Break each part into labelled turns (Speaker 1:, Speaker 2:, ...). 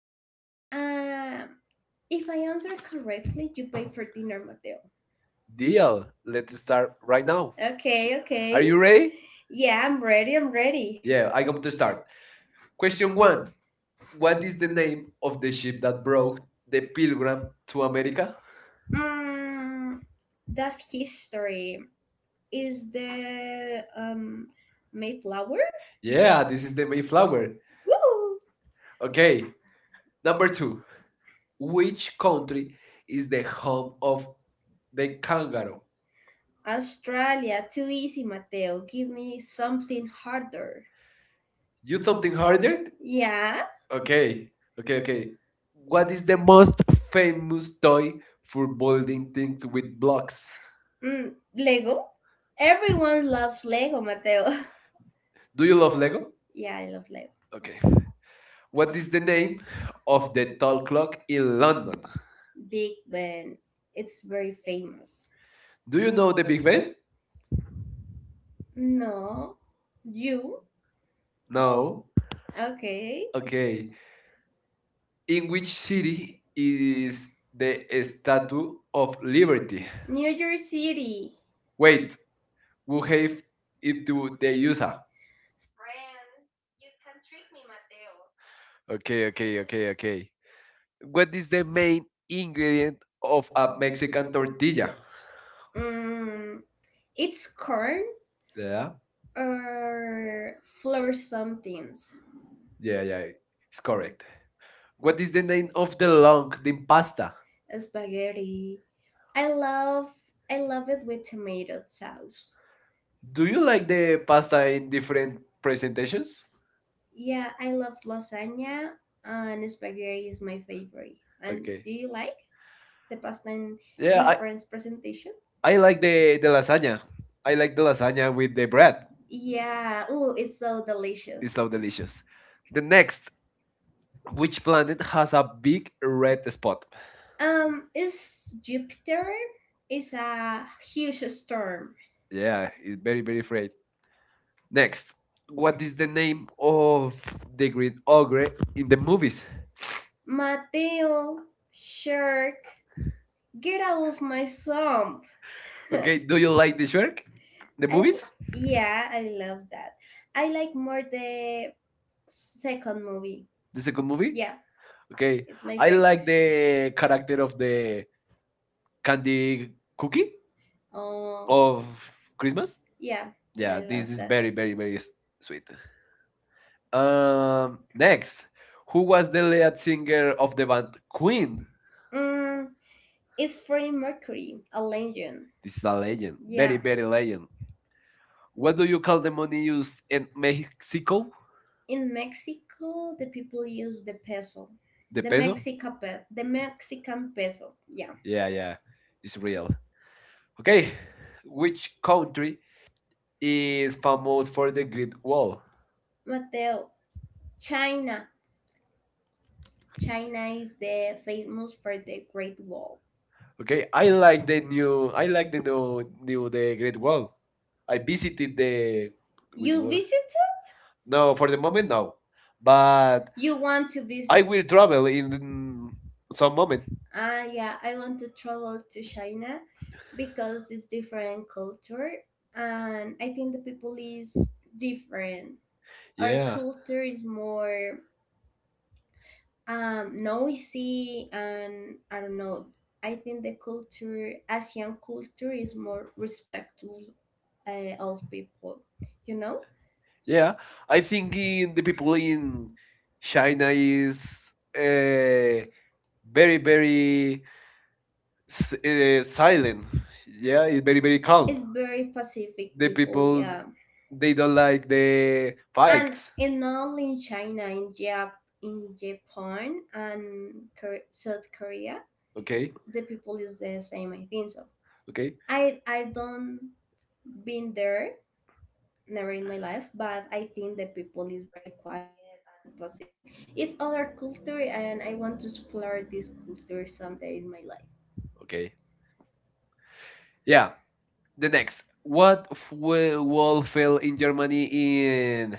Speaker 1: fun. If I answer correctly, you pay for dinner, Mateo. Deal.
Speaker 2: Deal, let's start right now.
Speaker 1: Okay, Are
Speaker 2: Are
Speaker 1: okay.
Speaker 2: you
Speaker 1: you ready?
Speaker 2: ready?
Speaker 1: Yeah, I'm ready. I'm ready.
Speaker 2: Yeah,
Speaker 1: Yeah.
Speaker 2: I'm going to start. Question 1. What
Speaker 1: What
Speaker 2: is
Speaker 1: is
Speaker 2: the
Speaker 1: the
Speaker 2: name
Speaker 1: name?
Speaker 2: of the ship that brought
Speaker 1: Bro.
Speaker 2: the pilgrim to America?
Speaker 1: Mm, that's history. Is the Mayflower?
Speaker 2: Yeah,
Speaker 1: Ah,
Speaker 2: this
Speaker 1: this
Speaker 2: is
Speaker 1: is
Speaker 2: the
Speaker 1: the
Speaker 2: Mayflower.
Speaker 1: Woo!
Speaker 2: Okay,
Speaker 1: Okay.
Speaker 2: number two.
Speaker 1: Two
Speaker 2: Which country
Speaker 1: country
Speaker 2: is the home
Speaker 1: called
Speaker 2: of the kangaroo?
Speaker 1: Calgary. Australia, too easy, Mateo. Give me something harder.
Speaker 2: You something
Speaker 1: Are
Speaker 2: harder?
Speaker 1: Yeah?
Speaker 2: Okay,
Speaker 1: Okay,
Speaker 2: okay, okay.
Speaker 1: okay.
Speaker 2: What
Speaker 1: What
Speaker 2: is
Speaker 1: is
Speaker 2: the
Speaker 1: the
Speaker 2: most famous
Speaker 1: famous
Speaker 2: toy for building
Speaker 1: footballing
Speaker 2: things
Speaker 1: thing to
Speaker 2: with blocks?
Speaker 1: Lego? Everyone loves Lego, Mateo.
Speaker 2: Do
Speaker 1: Do
Speaker 2: you
Speaker 1: you
Speaker 2: love
Speaker 1: love Lego?
Speaker 2: Lego?
Speaker 1: Yeah, I love Lego.
Speaker 2: Okay. What is the name
Speaker 1: Name?
Speaker 2: of the tall
Speaker 1: Tall
Speaker 2: clock
Speaker 1: Club
Speaker 2: in London?
Speaker 1: London. Big Ben. It's very famous.
Speaker 2: Do you know the Big
Speaker 1: Big
Speaker 2: Ben?
Speaker 1: Ben? No. You?
Speaker 2: No.
Speaker 1: Oh. Okay.
Speaker 2: Okay.
Speaker 1: Okay.
Speaker 2: In which city
Speaker 1: City
Speaker 2: is
Speaker 1: is
Speaker 2: the Statue
Speaker 1: to
Speaker 2: of Liberty?
Speaker 1: New York City.
Speaker 2: Wait,
Speaker 1: Wait.
Speaker 2: who
Speaker 1: Who have
Speaker 2: gave it
Speaker 1: it
Speaker 2: to
Speaker 1: to
Speaker 2: the
Speaker 1: the
Speaker 2: USA?
Speaker 1: user. Friends, you can trick me, Mateo.
Speaker 2: Okay,
Speaker 1: Okay,
Speaker 2: okay,
Speaker 1: okay,
Speaker 2: okay,
Speaker 1: okay, okay.
Speaker 2: okay. What
Speaker 1: What
Speaker 2: is
Speaker 1: is
Speaker 2: the
Speaker 1: the
Speaker 2: main
Speaker 1: main
Speaker 2: ingredient
Speaker 1: ingredient
Speaker 2: of
Speaker 1: of
Speaker 2: a
Speaker 1: a
Speaker 2: Mexican
Speaker 1: Mexican
Speaker 2: tortilla?
Speaker 1: tortilla? Mm, it's corn,
Speaker 2: Yeah,
Speaker 1: yeah, or flour something.
Speaker 2: yeah,
Speaker 1: Yeah, yeah,
Speaker 2: yeah. It's
Speaker 1: it's correct.
Speaker 2: correct. What
Speaker 1: What
Speaker 2: is
Speaker 1: is
Speaker 2: the
Speaker 1: the
Speaker 2: name
Speaker 1: name
Speaker 2: of
Speaker 1: of
Speaker 2: the
Speaker 1: the
Speaker 2: long
Speaker 1: long
Speaker 2: the
Speaker 1: bean
Speaker 2: pasta?
Speaker 1: pasta? Spaghetti. I love I love it with tomato sauce. Do
Speaker 2: Do you
Speaker 1: you
Speaker 2: like the pasta in
Speaker 1: like different?
Speaker 2: different presentations?
Speaker 1: Yeah, I love lasagna and spaghetti is my favorite. And, okay, do,
Speaker 2: Okay.
Speaker 1: okay, you like the pasta in, yeah, I,
Speaker 2: Yeah, I,
Speaker 1: different presentations?
Speaker 2: I like the lasagna. I like the lasagna with the bread.
Speaker 1: Yeah, oh, it's so delicious.
Speaker 2: It's so delicious. The next, which planet has a big red spot?
Speaker 1: Is Jupiter is a huge storm.
Speaker 2: Yeah, it's very, very afraid. Next,
Speaker 1: What?
Speaker 2: what is the name of the green ogre in the movies?
Speaker 1: Mateo, shark, get out of my swamp.
Speaker 2: Okay,
Speaker 1: Okay,
Speaker 2: do you like the shark? The
Speaker 1: the I, movies?
Speaker 2: movies?
Speaker 1: Yeah, I love that. I like more the second movie.
Speaker 2: The
Speaker 1: The second
Speaker 2: second
Speaker 1: movie?
Speaker 2: movie?
Speaker 1: Yeah,
Speaker 2: Okay,
Speaker 1: it's my
Speaker 2: I
Speaker 1: I
Speaker 2: like the character of the candy
Speaker 1: favorite.
Speaker 2: cookie
Speaker 1: Oh,
Speaker 2: of
Speaker 1: Christmas?
Speaker 2: Christmas.
Speaker 1: Yeah, I, yeah,
Speaker 2: Yeah,
Speaker 1: this love
Speaker 2: this
Speaker 1: is
Speaker 2: is
Speaker 1: that,
Speaker 2: very,
Speaker 1: very
Speaker 2: very,
Speaker 1: very
Speaker 2: very sweet. Next, who was the lead singer of the band Queen?
Speaker 1: Queen. Mm, it's Freddie Mercury, a legend.
Speaker 2: This is
Speaker 1: Is a
Speaker 2: a
Speaker 1: legend.
Speaker 2: legend,
Speaker 1: Very,
Speaker 2: very,
Speaker 1: yeah, very
Speaker 2: very
Speaker 1: legend.
Speaker 2: legend. What do you call the money used in Mexico?
Speaker 1: In Mexico, the people use the peso. The
Speaker 2: The
Speaker 1: The peso,
Speaker 2: peso?
Speaker 1: The Mexican peso. Yeah.
Speaker 2: Yeah, yeah, it's real. Okay, which country
Speaker 1: Yeah.
Speaker 2: is
Speaker 1: Is
Speaker 2: famous for the Great Wall?
Speaker 1: Mateo, China. China is the famous for the Great Wall.
Speaker 2: Okay, I like the
Speaker 1: The
Speaker 2: new.
Speaker 1: new
Speaker 2: I like the new the Great Wall. I
Speaker 1: I
Speaker 2: visited
Speaker 1: visited the
Speaker 2: the Great
Speaker 1: You
Speaker 2: Wall.
Speaker 1: visited?
Speaker 2: No,
Speaker 1: No
Speaker 2: for
Speaker 1: for
Speaker 2: the
Speaker 1: the
Speaker 2: moment,
Speaker 1: moment
Speaker 2: no.
Speaker 1: no,
Speaker 2: But
Speaker 1: but you want to visit?
Speaker 2: I
Speaker 1: I
Speaker 2: will
Speaker 1: will travel
Speaker 2: travel
Speaker 1: in
Speaker 2: in some moment.
Speaker 1: Ah, yeah, I want to travel to China because it's different culture, and I think the people is different. Our, yeah,
Speaker 2: Yeah,
Speaker 1: culture is more noisy, and I don't know. I think the culture, Asian culture, is more respectful old people, you know?
Speaker 2: yeah. I
Speaker 1: I
Speaker 2: think
Speaker 1: think in
Speaker 2: in the people in
Speaker 1: Berlin
Speaker 2: China
Speaker 1: there
Speaker 2: is
Speaker 1: is
Speaker 2: uh, very, very
Speaker 1: very,
Speaker 2: silent. Yeah,
Speaker 1: yeah,
Speaker 2: it's very, very calm.
Speaker 1: it's very Pacific,
Speaker 2: The
Speaker 1: they don't,
Speaker 2: people
Speaker 1: yeah.
Speaker 2: they
Speaker 1: They
Speaker 2: don't like the
Speaker 1: and fight.
Speaker 2: fights.
Speaker 1: In all in China, in in Japan, and South Korea,
Speaker 2: Okay,
Speaker 1: the people is the same. I think so.
Speaker 2: okay,
Speaker 1: I don't been there, never in my life, but I think the people is very quiet and passive. It's other culture and I want to explore this culture someday in my life.
Speaker 2: okay. Yeah. The next, what
Speaker 1: What
Speaker 2: wall
Speaker 1: was
Speaker 2: fell in
Speaker 1: in Germany
Speaker 2: Germany
Speaker 1: in
Speaker 2: in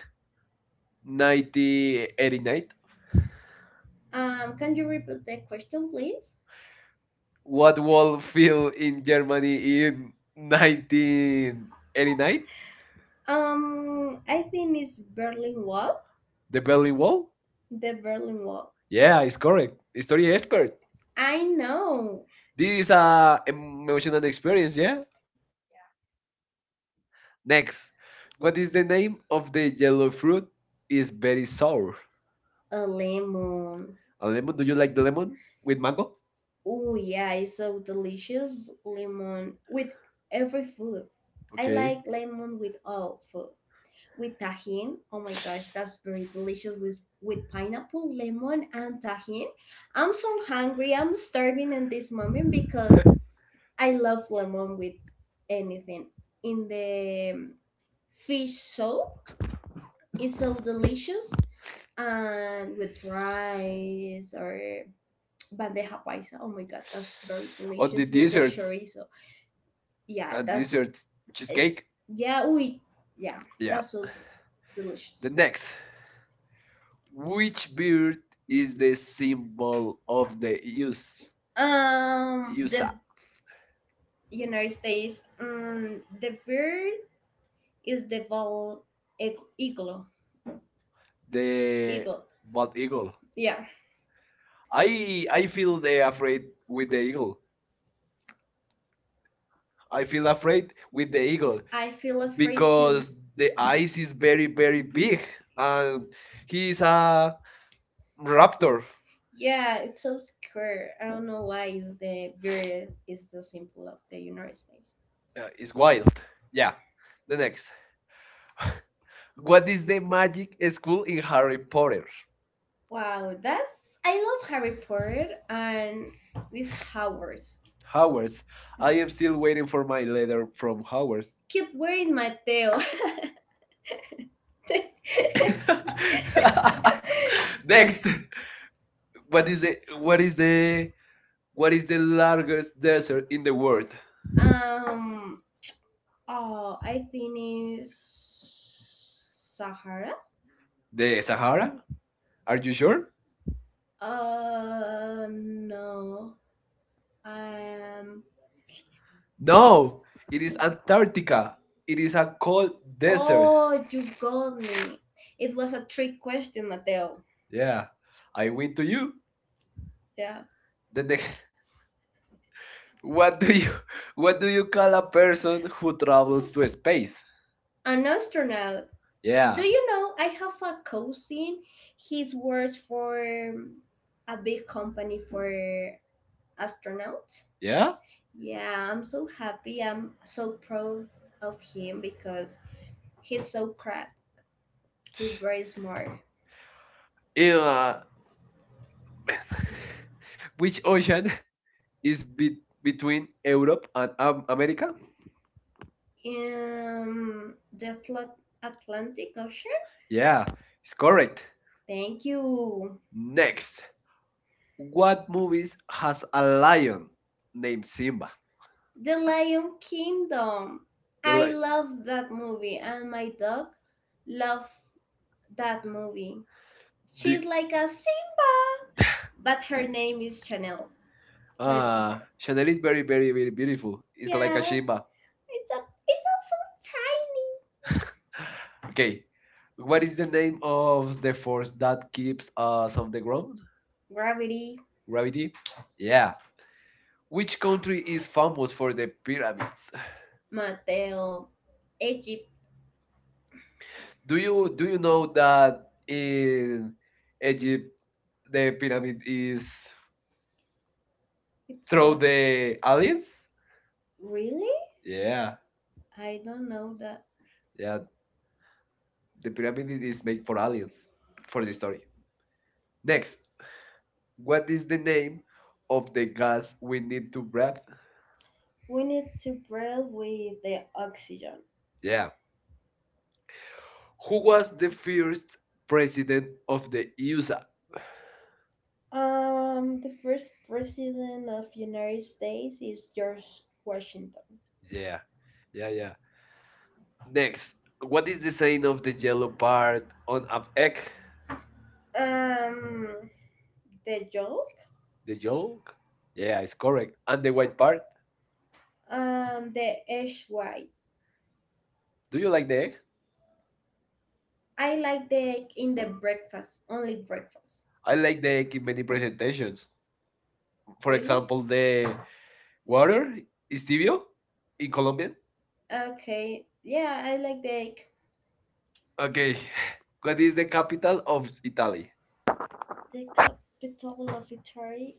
Speaker 1: 90?
Speaker 2: 1989?
Speaker 1: Can you repeat the question, please?
Speaker 2: What wall fell
Speaker 1: In
Speaker 2: in
Speaker 1: Germany
Speaker 2: Germany in
Speaker 1: in the
Speaker 2: 1989?
Speaker 1: I think it's Berlin Wall.
Speaker 2: The Berlin
Speaker 1: Berlin Wall?
Speaker 2: Wall.
Speaker 1: The Berlin Wall.
Speaker 2: Yeah, it's correct. History expert.
Speaker 1: I know.
Speaker 2: This is a emotional experience. Yeah.
Speaker 1: Yeah.
Speaker 2: Next, what is the name of the yellow fruit? Is
Speaker 1: Is
Speaker 2: very sour.
Speaker 1: a lemon.
Speaker 2: A lemon?
Speaker 1: What
Speaker 2: Do
Speaker 1: do
Speaker 2: you
Speaker 1: you
Speaker 2: like
Speaker 1: like?
Speaker 2: the lemon with mango?
Speaker 1: Oh yeah, it's so delicious lemon with every food. I, okay,
Speaker 2: Okay.
Speaker 1: like lemon with all food. With tajin, oh my gosh, that's very delicious with pineapple, lemon, and tajin. I'm so hungry. I'm starving in this moment because I love lemon with anything. In the fish soup, it's so delicious, and with rice or bandeja paisa. Oh my god, that's very
Speaker 2: On the
Speaker 1: delicious. What?
Speaker 2: desserts
Speaker 1: Chorizo. Yeah, and
Speaker 2: and
Speaker 1: that's
Speaker 2: desserts,
Speaker 1: with the
Speaker 2: cheesecake.
Speaker 1: cheesecake. Yeah, we, yeah, yeah,
Speaker 2: Yeah.
Speaker 1: that's so delicious.
Speaker 2: The
Speaker 1: Then-
Speaker 2: next, which
Speaker 1: Which
Speaker 2: bird
Speaker 1: beer
Speaker 2: is
Speaker 1: is
Speaker 2: the
Speaker 1: the symbol
Speaker 2: symbol
Speaker 1: of
Speaker 2: of the
Speaker 1: the use?
Speaker 2: use?
Speaker 1: The
Speaker 2: USA.
Speaker 1: USA. United States, the bird is the ball eagle, the
Speaker 2: The
Speaker 1: eagle.
Speaker 2: bald
Speaker 1: Bald eagle.
Speaker 2: eagle.
Speaker 1: Yeah,
Speaker 2: I
Speaker 1: I I
Speaker 2: I
Speaker 1: f-
Speaker 2: feel they afraid with the eagle. I feel afraid
Speaker 1: with
Speaker 2: with the
Speaker 1: the
Speaker 2: eagle
Speaker 1: eagle I feel afraid to,
Speaker 2: because
Speaker 1: because
Speaker 2: the eyes
Speaker 1: he's
Speaker 2: is very,
Speaker 1: very
Speaker 2: very big
Speaker 1: big,
Speaker 2: and he's
Speaker 1: he's
Speaker 2: a
Speaker 1: a rap.
Speaker 2: raptor.
Speaker 1: Yeah, it's so secure. I don't know why is the very is the symbol of the United States.
Speaker 2: It's wild. Yeah.
Speaker 1: The
Speaker 2: The next.
Speaker 1: next. What?
Speaker 2: What is the magic school in Harry Potter?
Speaker 1: Wow, that's I love Harry Potter and these Howards.
Speaker 2: Hogwarts.
Speaker 1: Howard's. I
Speaker 2: I am
Speaker 1: am
Speaker 2: still
Speaker 1: still
Speaker 2: waiting
Speaker 1: waiting
Speaker 2: for my letter from
Speaker 1: from Howard's.
Speaker 2: Hogwarts.
Speaker 1: Keep wearing Mateo.
Speaker 2: Next, what is the what is the what is the
Speaker 1: Largest.
Speaker 2: largest desert in the world?
Speaker 1: um. Oh, I think it's Sahara.
Speaker 2: The
Speaker 1: The Sahara?
Speaker 2: Sahara? Are
Speaker 1: Are you
Speaker 2: you sure?
Speaker 1: sure? No. Um. No,
Speaker 2: No, it
Speaker 1: it
Speaker 2: is
Speaker 1: is Antarctica.
Speaker 2: Antarctica. It
Speaker 1: It
Speaker 2: is
Speaker 1: is
Speaker 2: a
Speaker 1: a
Speaker 2: cold
Speaker 1: desert.
Speaker 2: desert.
Speaker 1: Oh, you got me. It was a trick question, Mateo.
Speaker 2: Yeah,
Speaker 1: Yeah,
Speaker 2: I
Speaker 1: I
Speaker 2: win
Speaker 1: win
Speaker 2: to
Speaker 1: to
Speaker 2: you.
Speaker 1: you. Yeah.
Speaker 2: The next, what
Speaker 1: What
Speaker 2: do
Speaker 1: do
Speaker 2: you,
Speaker 1: you
Speaker 2: what do you call a person
Speaker 1: think
Speaker 2: who
Speaker 1: who travel?
Speaker 2: travels to space?
Speaker 1: An astronaut. Yeah. Do
Speaker 2: Yeah,
Speaker 1: you know I have a cousin? He works for a big company for astronauts.
Speaker 2: yeah.
Speaker 1: Yeah, I'm so happy. I'm so proud of him because he's so crack. He's very smart.
Speaker 2: In
Speaker 1: Uh,
Speaker 2: which
Speaker 1: which
Speaker 2: ocean
Speaker 1: ocean
Speaker 2: is
Speaker 1: is
Speaker 2: between
Speaker 1: between
Speaker 2: Europe
Speaker 1: Europe
Speaker 2: and
Speaker 1: and
Speaker 2: America?
Speaker 1: America? The Atlantic Ocean?
Speaker 2: Yeah,
Speaker 1: Yeah.
Speaker 2: it's correct.
Speaker 1: Thank you. Next,
Speaker 2: Next,
Speaker 1: what
Speaker 2: what
Speaker 1: movie
Speaker 2: movies
Speaker 1: is
Speaker 2: has a
Speaker 1: Lion?
Speaker 2: lion named Simba?
Speaker 1: Simba. The Lion Kingdom.
Speaker 2: The
Speaker 1: I, yeah,
Speaker 2: li-
Speaker 1: love that movie, and my dog love that movie.
Speaker 2: The,
Speaker 1: She's like a Simba, but her name is Chanel. So it's, ah, it's
Speaker 2: Chanel is very,
Speaker 1: very,
Speaker 2: very,
Speaker 1: very
Speaker 2: very
Speaker 1: beautiful.
Speaker 2: beautiful.
Speaker 1: It's
Speaker 2: It's
Speaker 1: like
Speaker 2: like
Speaker 1: a
Speaker 2: a
Speaker 1: yeah,
Speaker 2: Shimba.
Speaker 1: a, it's also tiny.
Speaker 2: Okay.
Speaker 1: Okay,
Speaker 2: What is the
Speaker 1: the
Speaker 2: name
Speaker 1: name
Speaker 2: of
Speaker 1: of
Speaker 2: the
Speaker 1: the
Speaker 2: force that keeps
Speaker 1: uh
Speaker 2: us on
Speaker 1: of
Speaker 2: the
Speaker 1: the ground.
Speaker 2: ground?
Speaker 1: Gravity.
Speaker 2: Gravity? Yeah. Which country
Speaker 1: Country
Speaker 2: is
Speaker 1: is for
Speaker 2: famous for the
Speaker 1: the
Speaker 2: pyramids?
Speaker 1: pyramids. Mateo, Egypt.
Speaker 2: Do you know that in
Speaker 1: In
Speaker 2: Egypt the pyramid
Speaker 1: pyramid
Speaker 2: is
Speaker 1: is It's through
Speaker 2: through
Speaker 1: not...
Speaker 2: the
Speaker 1: the alien.
Speaker 2: aliens?
Speaker 1: Really?
Speaker 2: Yeah,
Speaker 1: Yeah, I don't know that.
Speaker 2: yeah. The
Speaker 1: The
Speaker 2: pyramid
Speaker 1: pyramid
Speaker 2: is
Speaker 1: is
Speaker 2: made
Speaker 1: made
Speaker 2: for
Speaker 1: for
Speaker 2: aliens
Speaker 1: aliens.
Speaker 2: for
Speaker 1: For
Speaker 2: the
Speaker 1: the
Speaker 2: story.
Speaker 1: story.
Speaker 2: Next, what
Speaker 1: What
Speaker 2: is
Speaker 1: is
Speaker 2: the
Speaker 1: the
Speaker 2: name
Speaker 1: name
Speaker 2: of the gas we
Speaker 1: we
Speaker 2: need
Speaker 1: need to
Speaker 2: to breathe?
Speaker 1: grab? We need to breathe with the oxygen.
Speaker 2: Yeah.
Speaker 1: Yeah.
Speaker 2: Who
Speaker 1: Who
Speaker 2: was
Speaker 1: was
Speaker 2: the
Speaker 1: first
Speaker 2: first president
Speaker 1: president
Speaker 2: of
Speaker 1: of
Speaker 2: the
Speaker 1: the
Speaker 2: USA?
Speaker 1: USA? The first president of United States is George Washington.
Speaker 2: Yeah. Yeah,
Speaker 1: Yeah, yeah.
Speaker 2: yeah.
Speaker 1: Next,
Speaker 2: Next, what is
Speaker 1: the
Speaker 2: the sign
Speaker 1: sign
Speaker 2: of
Speaker 1: of
Speaker 2: the
Speaker 1: the
Speaker 2: yellow
Speaker 1: yellow
Speaker 2: part on
Speaker 1: on
Speaker 2: an egg?
Speaker 1: Um, the yolk.
Speaker 2: The
Speaker 1: The yellow.
Speaker 2: yolk? Yeah,
Speaker 1: Yeah, it's
Speaker 2: it's
Speaker 1: correct.
Speaker 2: correct. And the
Speaker 1: The
Speaker 2: white
Speaker 1: part.
Speaker 2: part?
Speaker 1: The egg white.
Speaker 2: Do
Speaker 1: Do you
Speaker 2: you like
Speaker 1: like
Speaker 2: the egg?
Speaker 1: I like the egg in the breakfast, only breakfast.
Speaker 2: I like the egg
Speaker 1: In
Speaker 2: in many
Speaker 1: many places?
Speaker 2: presentations.
Speaker 1: For,
Speaker 2: For
Speaker 1: really,
Speaker 2: example,
Speaker 1: example,
Speaker 2: the
Speaker 1: the water.
Speaker 2: water is tibio in Colombian.
Speaker 1: Okay, yeah, I like the egg.
Speaker 2: Okay, what
Speaker 1: What
Speaker 2: is
Speaker 1: is
Speaker 2: the capital of
Speaker 1: Italian?
Speaker 2: Italy?
Speaker 1: The capital of Italy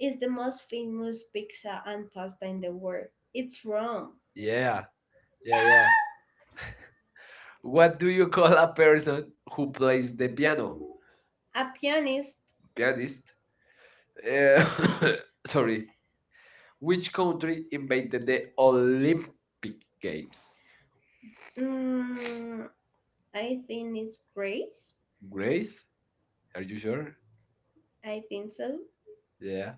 Speaker 1: is the most famous pizza and pasta in the world. It's Rome. Yeah,
Speaker 2: Yeah, yeah,
Speaker 1: yeah, yeah.
Speaker 2: yeah. What
Speaker 1: What
Speaker 2: do
Speaker 1: do
Speaker 2: you
Speaker 1: you
Speaker 2: call
Speaker 1: call
Speaker 2: a
Speaker 1: a
Speaker 2: person
Speaker 1: person
Speaker 2: who
Speaker 1: who
Speaker 2: plays
Speaker 1: plays the
Speaker 2: the piano?
Speaker 1: piano? A pianist.
Speaker 2: Pianist.
Speaker 1: Pianist.
Speaker 2: Uh,
Speaker 1: Uh, sorry.
Speaker 2: sorry. Which
Speaker 1: Which country
Speaker 2: country invented
Speaker 1: invented
Speaker 2: the
Speaker 1: the Olympic
Speaker 2: Olympic
Speaker 1: Games?
Speaker 2: Games?
Speaker 1: mm, I think it's Grace. Grace?
Speaker 2: Grace? Are
Speaker 1: Are
Speaker 2: you
Speaker 1: you sure?
Speaker 2: sure?
Speaker 1: I think so. Yeah.
Speaker 2: Yeah.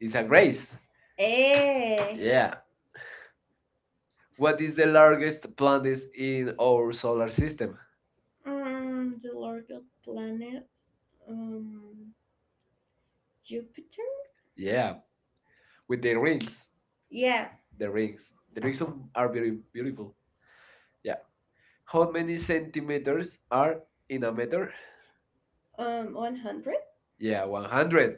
Speaker 2: It's a grace. Yeah.
Speaker 1: Yeah.
Speaker 2: What
Speaker 1: What
Speaker 2: is
Speaker 1: is
Speaker 2: the
Speaker 1: the largest
Speaker 2: largest planet
Speaker 1: planet
Speaker 2: in
Speaker 1: in
Speaker 2: our
Speaker 1: our
Speaker 2: solar
Speaker 1: solar
Speaker 2: system?
Speaker 1: The largest planet, um, Jupiter.
Speaker 2: Yeah.
Speaker 1: Yeah,
Speaker 2: With the
Speaker 1: the
Speaker 2: rings.
Speaker 1: rings. Yeah.
Speaker 2: The
Speaker 1: The rings.
Speaker 2: rings. The
Speaker 1: The
Speaker 2: rings
Speaker 1: rings of-
Speaker 2: are
Speaker 1: are
Speaker 2: very
Speaker 1: very beautiful.
Speaker 2: beautiful. Yeah. How
Speaker 1: How
Speaker 2: many
Speaker 1: many
Speaker 2: centimeters
Speaker 1: centimeters?
Speaker 2: are in a meter?
Speaker 1: 100.
Speaker 2: Yeah,
Speaker 1: Yeah, one.
Speaker 2: 100.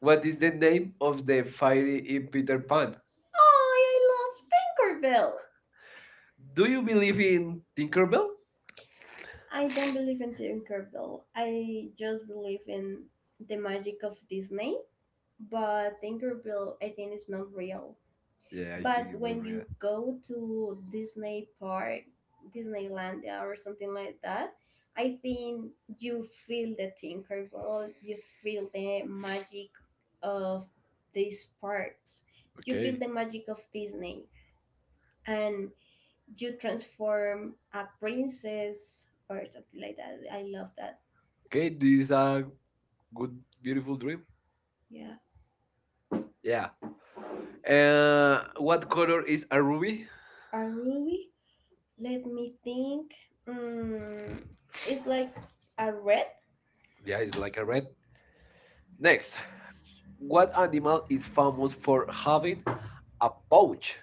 Speaker 2: What
Speaker 1: What
Speaker 2: is
Speaker 1: is
Speaker 2: the
Speaker 1: the
Speaker 2: name
Speaker 1: name
Speaker 2: of
Speaker 1: of
Speaker 2: the
Speaker 1: the
Speaker 2: fairy
Speaker 1: fiery
Speaker 2: in Peter
Speaker 1: Jupiter?
Speaker 2: Pan?
Speaker 1: Oh, I love Tinkerbell.
Speaker 2: Do
Speaker 1: Do
Speaker 2: you
Speaker 1: you
Speaker 2: believe
Speaker 1: believe
Speaker 2: in
Speaker 1: in Tinkerbell?
Speaker 2: Tinkerbell?
Speaker 1: I don't believe in Tinkerbell. I just believe in the magic of Disney. But Tinkerbell, I think, is not real. Yeah.
Speaker 2: Yeah, I think
Speaker 1: But
Speaker 2: it's not
Speaker 1: when
Speaker 2: real.
Speaker 1: you go to Disney Park, Disneylandia or something like that, I think you feel the Tinkerbell, you feel the magic of these parks, you, yeah, feel
Speaker 2: Okay.
Speaker 1: the magic of Disney, and you transform a princess or something like that. I love that.
Speaker 2: Okay,
Speaker 1: Okay,
Speaker 2: this
Speaker 1: this is
Speaker 2: is a
Speaker 1: a
Speaker 2: good,
Speaker 1: good, beautiful
Speaker 2: beautiful
Speaker 1: dream.
Speaker 2: dream.
Speaker 1: Yeah.
Speaker 2: Yeah.
Speaker 1: Yeah. And
Speaker 2: What
Speaker 1: what
Speaker 2: color
Speaker 1: color
Speaker 2: is a
Speaker 1: are
Speaker 2: ruby?
Speaker 1: we? Are we? Let me think. Mm, it's like a red.
Speaker 2: Yeah,
Speaker 1: Yeah,
Speaker 2: it's
Speaker 1: it's like
Speaker 2: like
Speaker 1: a
Speaker 2: a red.
Speaker 1: red. Next,
Speaker 2: Next, what
Speaker 1: what
Speaker 2: animal
Speaker 1: animal
Speaker 2: is famous for
Speaker 1: with
Speaker 2: having
Speaker 1: a
Speaker 2: a pouch?
Speaker 1: pouch?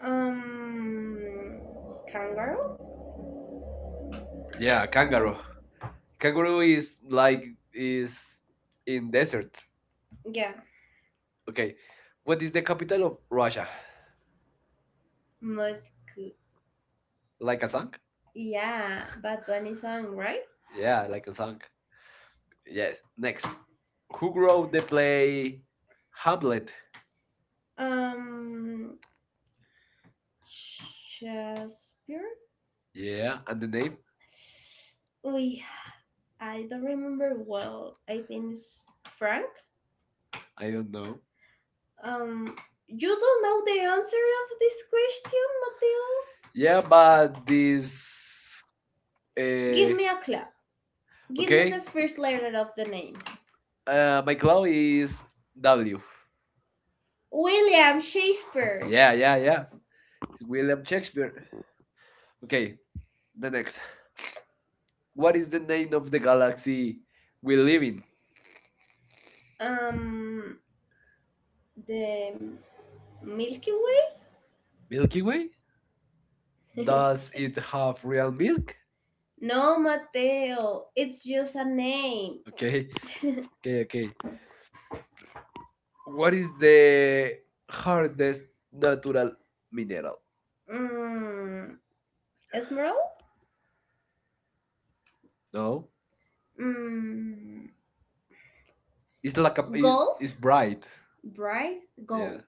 Speaker 1: Um, Kangaroo. Yeah,
Speaker 2: Yeah, kangaroo.
Speaker 1: kangaroo. Kangaroo
Speaker 2: Kangaroo is like is
Speaker 1: is
Speaker 2: in
Speaker 1: in desert.
Speaker 2: desert.
Speaker 1: Yeah,
Speaker 2: Okay,
Speaker 1: okay,
Speaker 2: what
Speaker 1: what
Speaker 2: is
Speaker 1: is
Speaker 2: the
Speaker 1: the
Speaker 2: capital
Speaker 1: capital
Speaker 2: of
Speaker 1: of
Speaker 2: Russia?
Speaker 1: Moscow.
Speaker 2: Like a song?
Speaker 1: Kazan? Yeah, Bad Bunny song, right?
Speaker 2: Yeah,
Speaker 1: Yeah,
Speaker 2: like a song.
Speaker 1: Kazan. Yes.
Speaker 2: Yes.
Speaker 1: Next,
Speaker 2: Next, who
Speaker 1: who wrote
Speaker 2: wrote the play
Speaker 1: a
Speaker 2: Hamlet?
Speaker 1: Um, Shakespeare?
Speaker 2: Yeah,
Speaker 1: Yeah,
Speaker 2: and
Speaker 1: and
Speaker 2: the
Speaker 1: the
Speaker 2: name?
Speaker 1: name? Uy, I don't remember well. I think it's Frank. I
Speaker 2: I don't
Speaker 1: don't know.
Speaker 2: know.
Speaker 1: Um, you don't know the answer of this question, Mateo?
Speaker 2: Yeah,
Speaker 1: Yeah, but
Speaker 2: but this.
Speaker 1: this. Give,
Speaker 2: Uh,
Speaker 1: me a clap. Give okay, me
Speaker 2: okay.
Speaker 1: the first letter of the name.
Speaker 2: My clue is
Speaker 1: Is
Speaker 2: W.
Speaker 1: W. William Shakespeare.
Speaker 2: Yeah,
Speaker 1: Yeah.
Speaker 2: yeah, yeah.
Speaker 1: Will
Speaker 2: William Shakespeare. Okay,
Speaker 1: okay.
Speaker 2: the next. What
Speaker 1: What
Speaker 2: is
Speaker 1: is
Speaker 2: the
Speaker 1: the
Speaker 2: name
Speaker 1: name
Speaker 2: of
Speaker 1: of the
Speaker 2: the galaxy
Speaker 1: galaxy
Speaker 2: we
Speaker 1: we
Speaker 2: live
Speaker 1: live
Speaker 2: in?
Speaker 1: in? Um, the Milky Way?
Speaker 2: Milky
Speaker 1: Milky Way?
Speaker 2: Way? Does
Speaker 1: Does
Speaker 2: it
Speaker 1: it have
Speaker 2: have real
Speaker 1: real milk?
Speaker 2: milk?
Speaker 1: No, Mateo. It's just a name.
Speaker 2: Okay,
Speaker 1: Okay.
Speaker 2: okay, okay. What
Speaker 1: What is
Speaker 2: is
Speaker 1: the
Speaker 2: the
Speaker 1: hard
Speaker 2: hardest
Speaker 1: nut
Speaker 2: natural
Speaker 1: mineral?
Speaker 2: mineral?
Speaker 1: Mm, Esmeralda?
Speaker 2: No,
Speaker 1: No. Mm, It's
Speaker 2: it's like
Speaker 1: like a gold?
Speaker 2: it's
Speaker 1: It's-
Speaker 2: bright.
Speaker 1: bright
Speaker 2: Yeah,
Speaker 1: gold.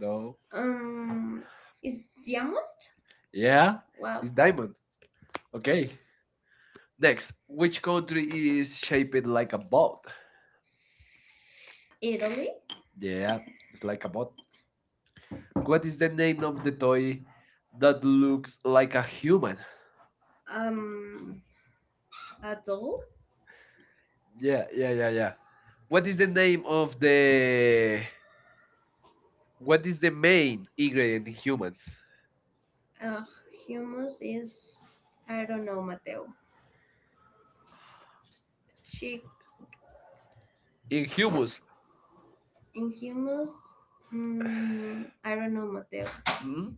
Speaker 1: No. Is diamond?
Speaker 2: yeah,
Speaker 1: Yeah, wow,
Speaker 2: it's
Speaker 1: it's
Speaker 2: diamond.
Speaker 1: diamond.
Speaker 2: Okay,
Speaker 1: Okay.
Speaker 2: next, which
Speaker 1: Which country
Speaker 2: country is
Speaker 1: is
Speaker 2: shaped like a
Speaker 1: a
Speaker 2: boat?
Speaker 1: ball? Italy?
Speaker 2: Yeah,
Speaker 1: Yeah,
Speaker 2: it's
Speaker 1: it's like
Speaker 2: like a
Speaker 1: a
Speaker 2: boat.
Speaker 1: ball.
Speaker 2: What
Speaker 1: What
Speaker 2: is
Speaker 1: is
Speaker 2: the
Speaker 1: the name
Speaker 2: name of
Speaker 1: of
Speaker 2: the
Speaker 1: the toy
Speaker 2: toy that
Speaker 1: that
Speaker 2: looks
Speaker 1: looks
Speaker 2: like a human?
Speaker 1: Um, at all? Yeah.
Speaker 2: Yeah, yeah, yeah, yeah.
Speaker 1: What
Speaker 2: What is the name of
Speaker 1: uh,
Speaker 2: the
Speaker 1: what
Speaker 2: what is
Speaker 1: is
Speaker 2: the
Speaker 1: a
Speaker 2: main ingredient
Speaker 1: ingredient
Speaker 2: in
Speaker 1: in
Speaker 2: humans?
Speaker 1: humans? Uh, Humus is, I don't know, Mateo. Chick in
Speaker 2: In humus,
Speaker 1: humans, in humus, I don't know, Mateo. Hmm.
Speaker 2: mm?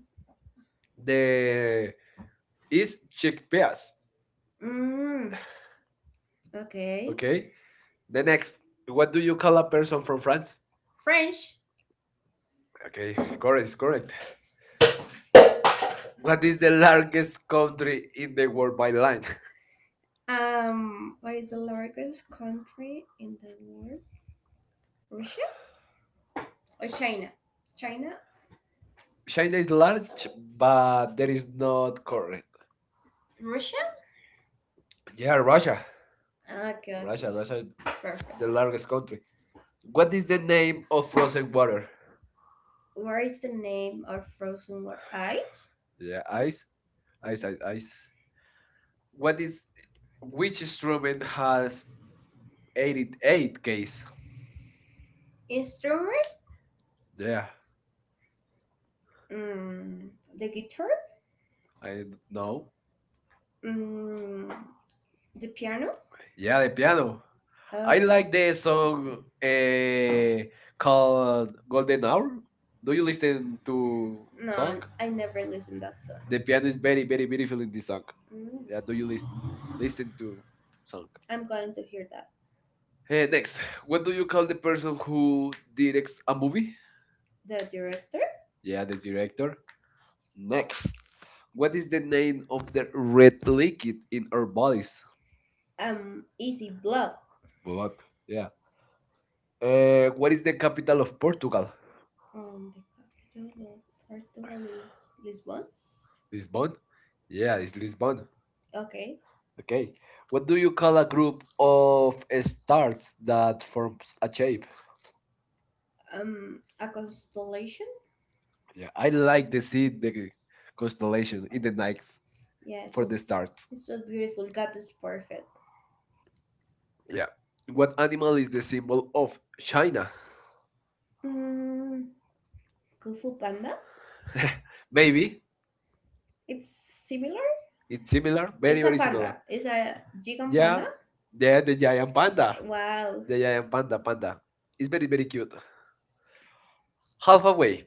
Speaker 1: uh,
Speaker 2: the is
Speaker 1: is chick.
Speaker 2: chickpeas.
Speaker 1: Mm, okay.
Speaker 2: Okay.
Speaker 1: Okay.
Speaker 2: The next, what
Speaker 1: What
Speaker 2: do
Speaker 1: do
Speaker 2: you
Speaker 1: you
Speaker 2: call
Speaker 1: call
Speaker 2: a
Speaker 1: a
Speaker 2: person
Speaker 1: person?
Speaker 2: from France?
Speaker 1: French. Okay,
Speaker 2: Okay, correct, is
Speaker 1: correct,
Speaker 2: correct.
Speaker 1: correct.
Speaker 2: What
Speaker 1: What
Speaker 2: is
Speaker 1: is
Speaker 2: the largest country
Speaker 1: country
Speaker 2: in
Speaker 1: in
Speaker 2: the
Speaker 1: the
Speaker 2: world
Speaker 1: world
Speaker 2: by
Speaker 1: by
Speaker 2: land?
Speaker 1: land? What is the largest country in the world? Russia or China? China? China
Speaker 2: China is
Speaker 1: is large,
Speaker 2: large, but
Speaker 1: but
Speaker 2: that
Speaker 1: there
Speaker 2: is
Speaker 1: is
Speaker 2: not
Speaker 1: not correct.
Speaker 2: correct.
Speaker 1: Russia?
Speaker 2: Yeah, Russia.
Speaker 1: Russia, okay, Russia,
Speaker 2: Russia,
Speaker 1: okay. Russia.
Speaker 2: Russia is
Speaker 1: Russia. Perfect.
Speaker 2: the
Speaker 1: The large.
Speaker 2: largest country. What
Speaker 1: What
Speaker 2: is the name of
Speaker 1: of
Speaker 2: frozen
Speaker 1: frozen
Speaker 2: water?
Speaker 1: water? Where is the name of frozen water? Ice?
Speaker 2: Yeah, ice,
Speaker 1: Ice,
Speaker 2: ice, ice,
Speaker 1: ice,
Speaker 2: ice.
Speaker 1: ice.
Speaker 2: What
Speaker 1: What
Speaker 2: is
Speaker 1: is
Speaker 2: which
Speaker 1: which
Speaker 2: instrument
Speaker 1: instrument
Speaker 2: has
Speaker 1: has 80
Speaker 2: 88 keys?
Speaker 1: keys? Instrument?
Speaker 2: Yeah,
Speaker 1: Mm, the guitar? I,
Speaker 2: I
Speaker 1: No.
Speaker 2: know.
Speaker 1: Mm, the piano?
Speaker 2: Yeah, the piano.
Speaker 1: Piano.
Speaker 2: I
Speaker 1: I know
Speaker 2: like the
Speaker 1: a
Speaker 2: song
Speaker 1: song
Speaker 2: uh,
Speaker 1: called
Speaker 2: called Golden
Speaker 1: an hour?
Speaker 2: Hour. Do
Speaker 1: Do
Speaker 2: you
Speaker 1: you
Speaker 2: listen
Speaker 1: listen to
Speaker 2: to
Speaker 1: No,
Speaker 2: song?
Speaker 1: Punk? I never listened that song.
Speaker 2: The
Speaker 1: The
Speaker 2: piano is
Speaker 1: pianist
Speaker 2: very,
Speaker 1: basically
Speaker 2: very beautiful in this
Speaker 1: this
Speaker 2: song.
Speaker 1: song? Mm.
Speaker 2: Yeah, do
Speaker 1: Do
Speaker 2: you
Speaker 1: you listen? Listen to? This
Speaker 2: listen to
Speaker 1: song?
Speaker 2: song?
Speaker 1: I'm going to hear that. Eh,
Speaker 2: Next, what
Speaker 1: what
Speaker 2: do
Speaker 1: do
Speaker 2: you
Speaker 1: you
Speaker 2: call the person
Speaker 1: person who
Speaker 2: who
Speaker 1: directs
Speaker 2: directs a
Speaker 1: a
Speaker 2: movie?
Speaker 1: movie? The director.
Speaker 2: Yeah,
Speaker 1: The
Speaker 2: the director.
Speaker 1: director. No.
Speaker 2: Next, what
Speaker 1: What
Speaker 2: is
Speaker 1: is
Speaker 2: the
Speaker 1: the
Speaker 2: name
Speaker 1: name
Speaker 2: of
Speaker 1: of
Speaker 2: the red liquid
Speaker 1: Wicked
Speaker 2: in our
Speaker 1: or
Speaker 2: bodies?
Speaker 1: Bodies? Easy Blood.
Speaker 2: Blood.
Speaker 1: What?
Speaker 2: Yeah. What is the capital of Portugal?
Speaker 1: Um, the capital of Portugal is Lisbon.
Speaker 2: Lisbon.
Speaker 1: Lisbon?
Speaker 2: Yeah,
Speaker 1: Yeah,
Speaker 2: it's
Speaker 1: it's Lisbon.
Speaker 2: Lisbon.
Speaker 1: Okay. Okay.
Speaker 2: Okay. What
Speaker 1: What
Speaker 2: do
Speaker 1: do
Speaker 2: you
Speaker 1: you
Speaker 2: call
Speaker 1: call
Speaker 2: a
Speaker 1: a
Speaker 2: group
Speaker 1: group
Speaker 2: of stars that
Speaker 1: that for
Speaker 2: forms a
Speaker 1: a
Speaker 2: shape?
Speaker 1: shape. A constellation. Yeah,
Speaker 2: Yeah, I
Speaker 1: I like
Speaker 2: like
Speaker 1: to
Speaker 2: to see
Speaker 1: see the sea
Speaker 2: the
Speaker 1: decoration.
Speaker 2: constellation in
Speaker 1: It
Speaker 2: the
Speaker 1: did
Speaker 2: night
Speaker 1: not- Yeah, it's,
Speaker 2: for the stars.
Speaker 1: it's so beautiful. God is perfect.
Speaker 2: Yeah. What
Speaker 1: What?
Speaker 2: animal is the symbol of China?
Speaker 1: Mm, Kung Fu Panda.
Speaker 2: Maybe
Speaker 1: It's similar.
Speaker 2: it's similar,
Speaker 1: Very
Speaker 2: very,
Speaker 1: it's a nice-
Speaker 2: very similar.
Speaker 1: panda. It's a gigant. Yeah.
Speaker 2: Yeah,
Speaker 1: Panda.
Speaker 2: yeah,
Speaker 1: The
Speaker 2: the
Speaker 1: giant
Speaker 2: giant panda.
Speaker 1: panda. Wow,
Speaker 2: The
Speaker 1: panda.
Speaker 2: giant panda, panda. It's
Speaker 1: It's
Speaker 2: very, very
Speaker 1: very.
Speaker 2: cute. Half away.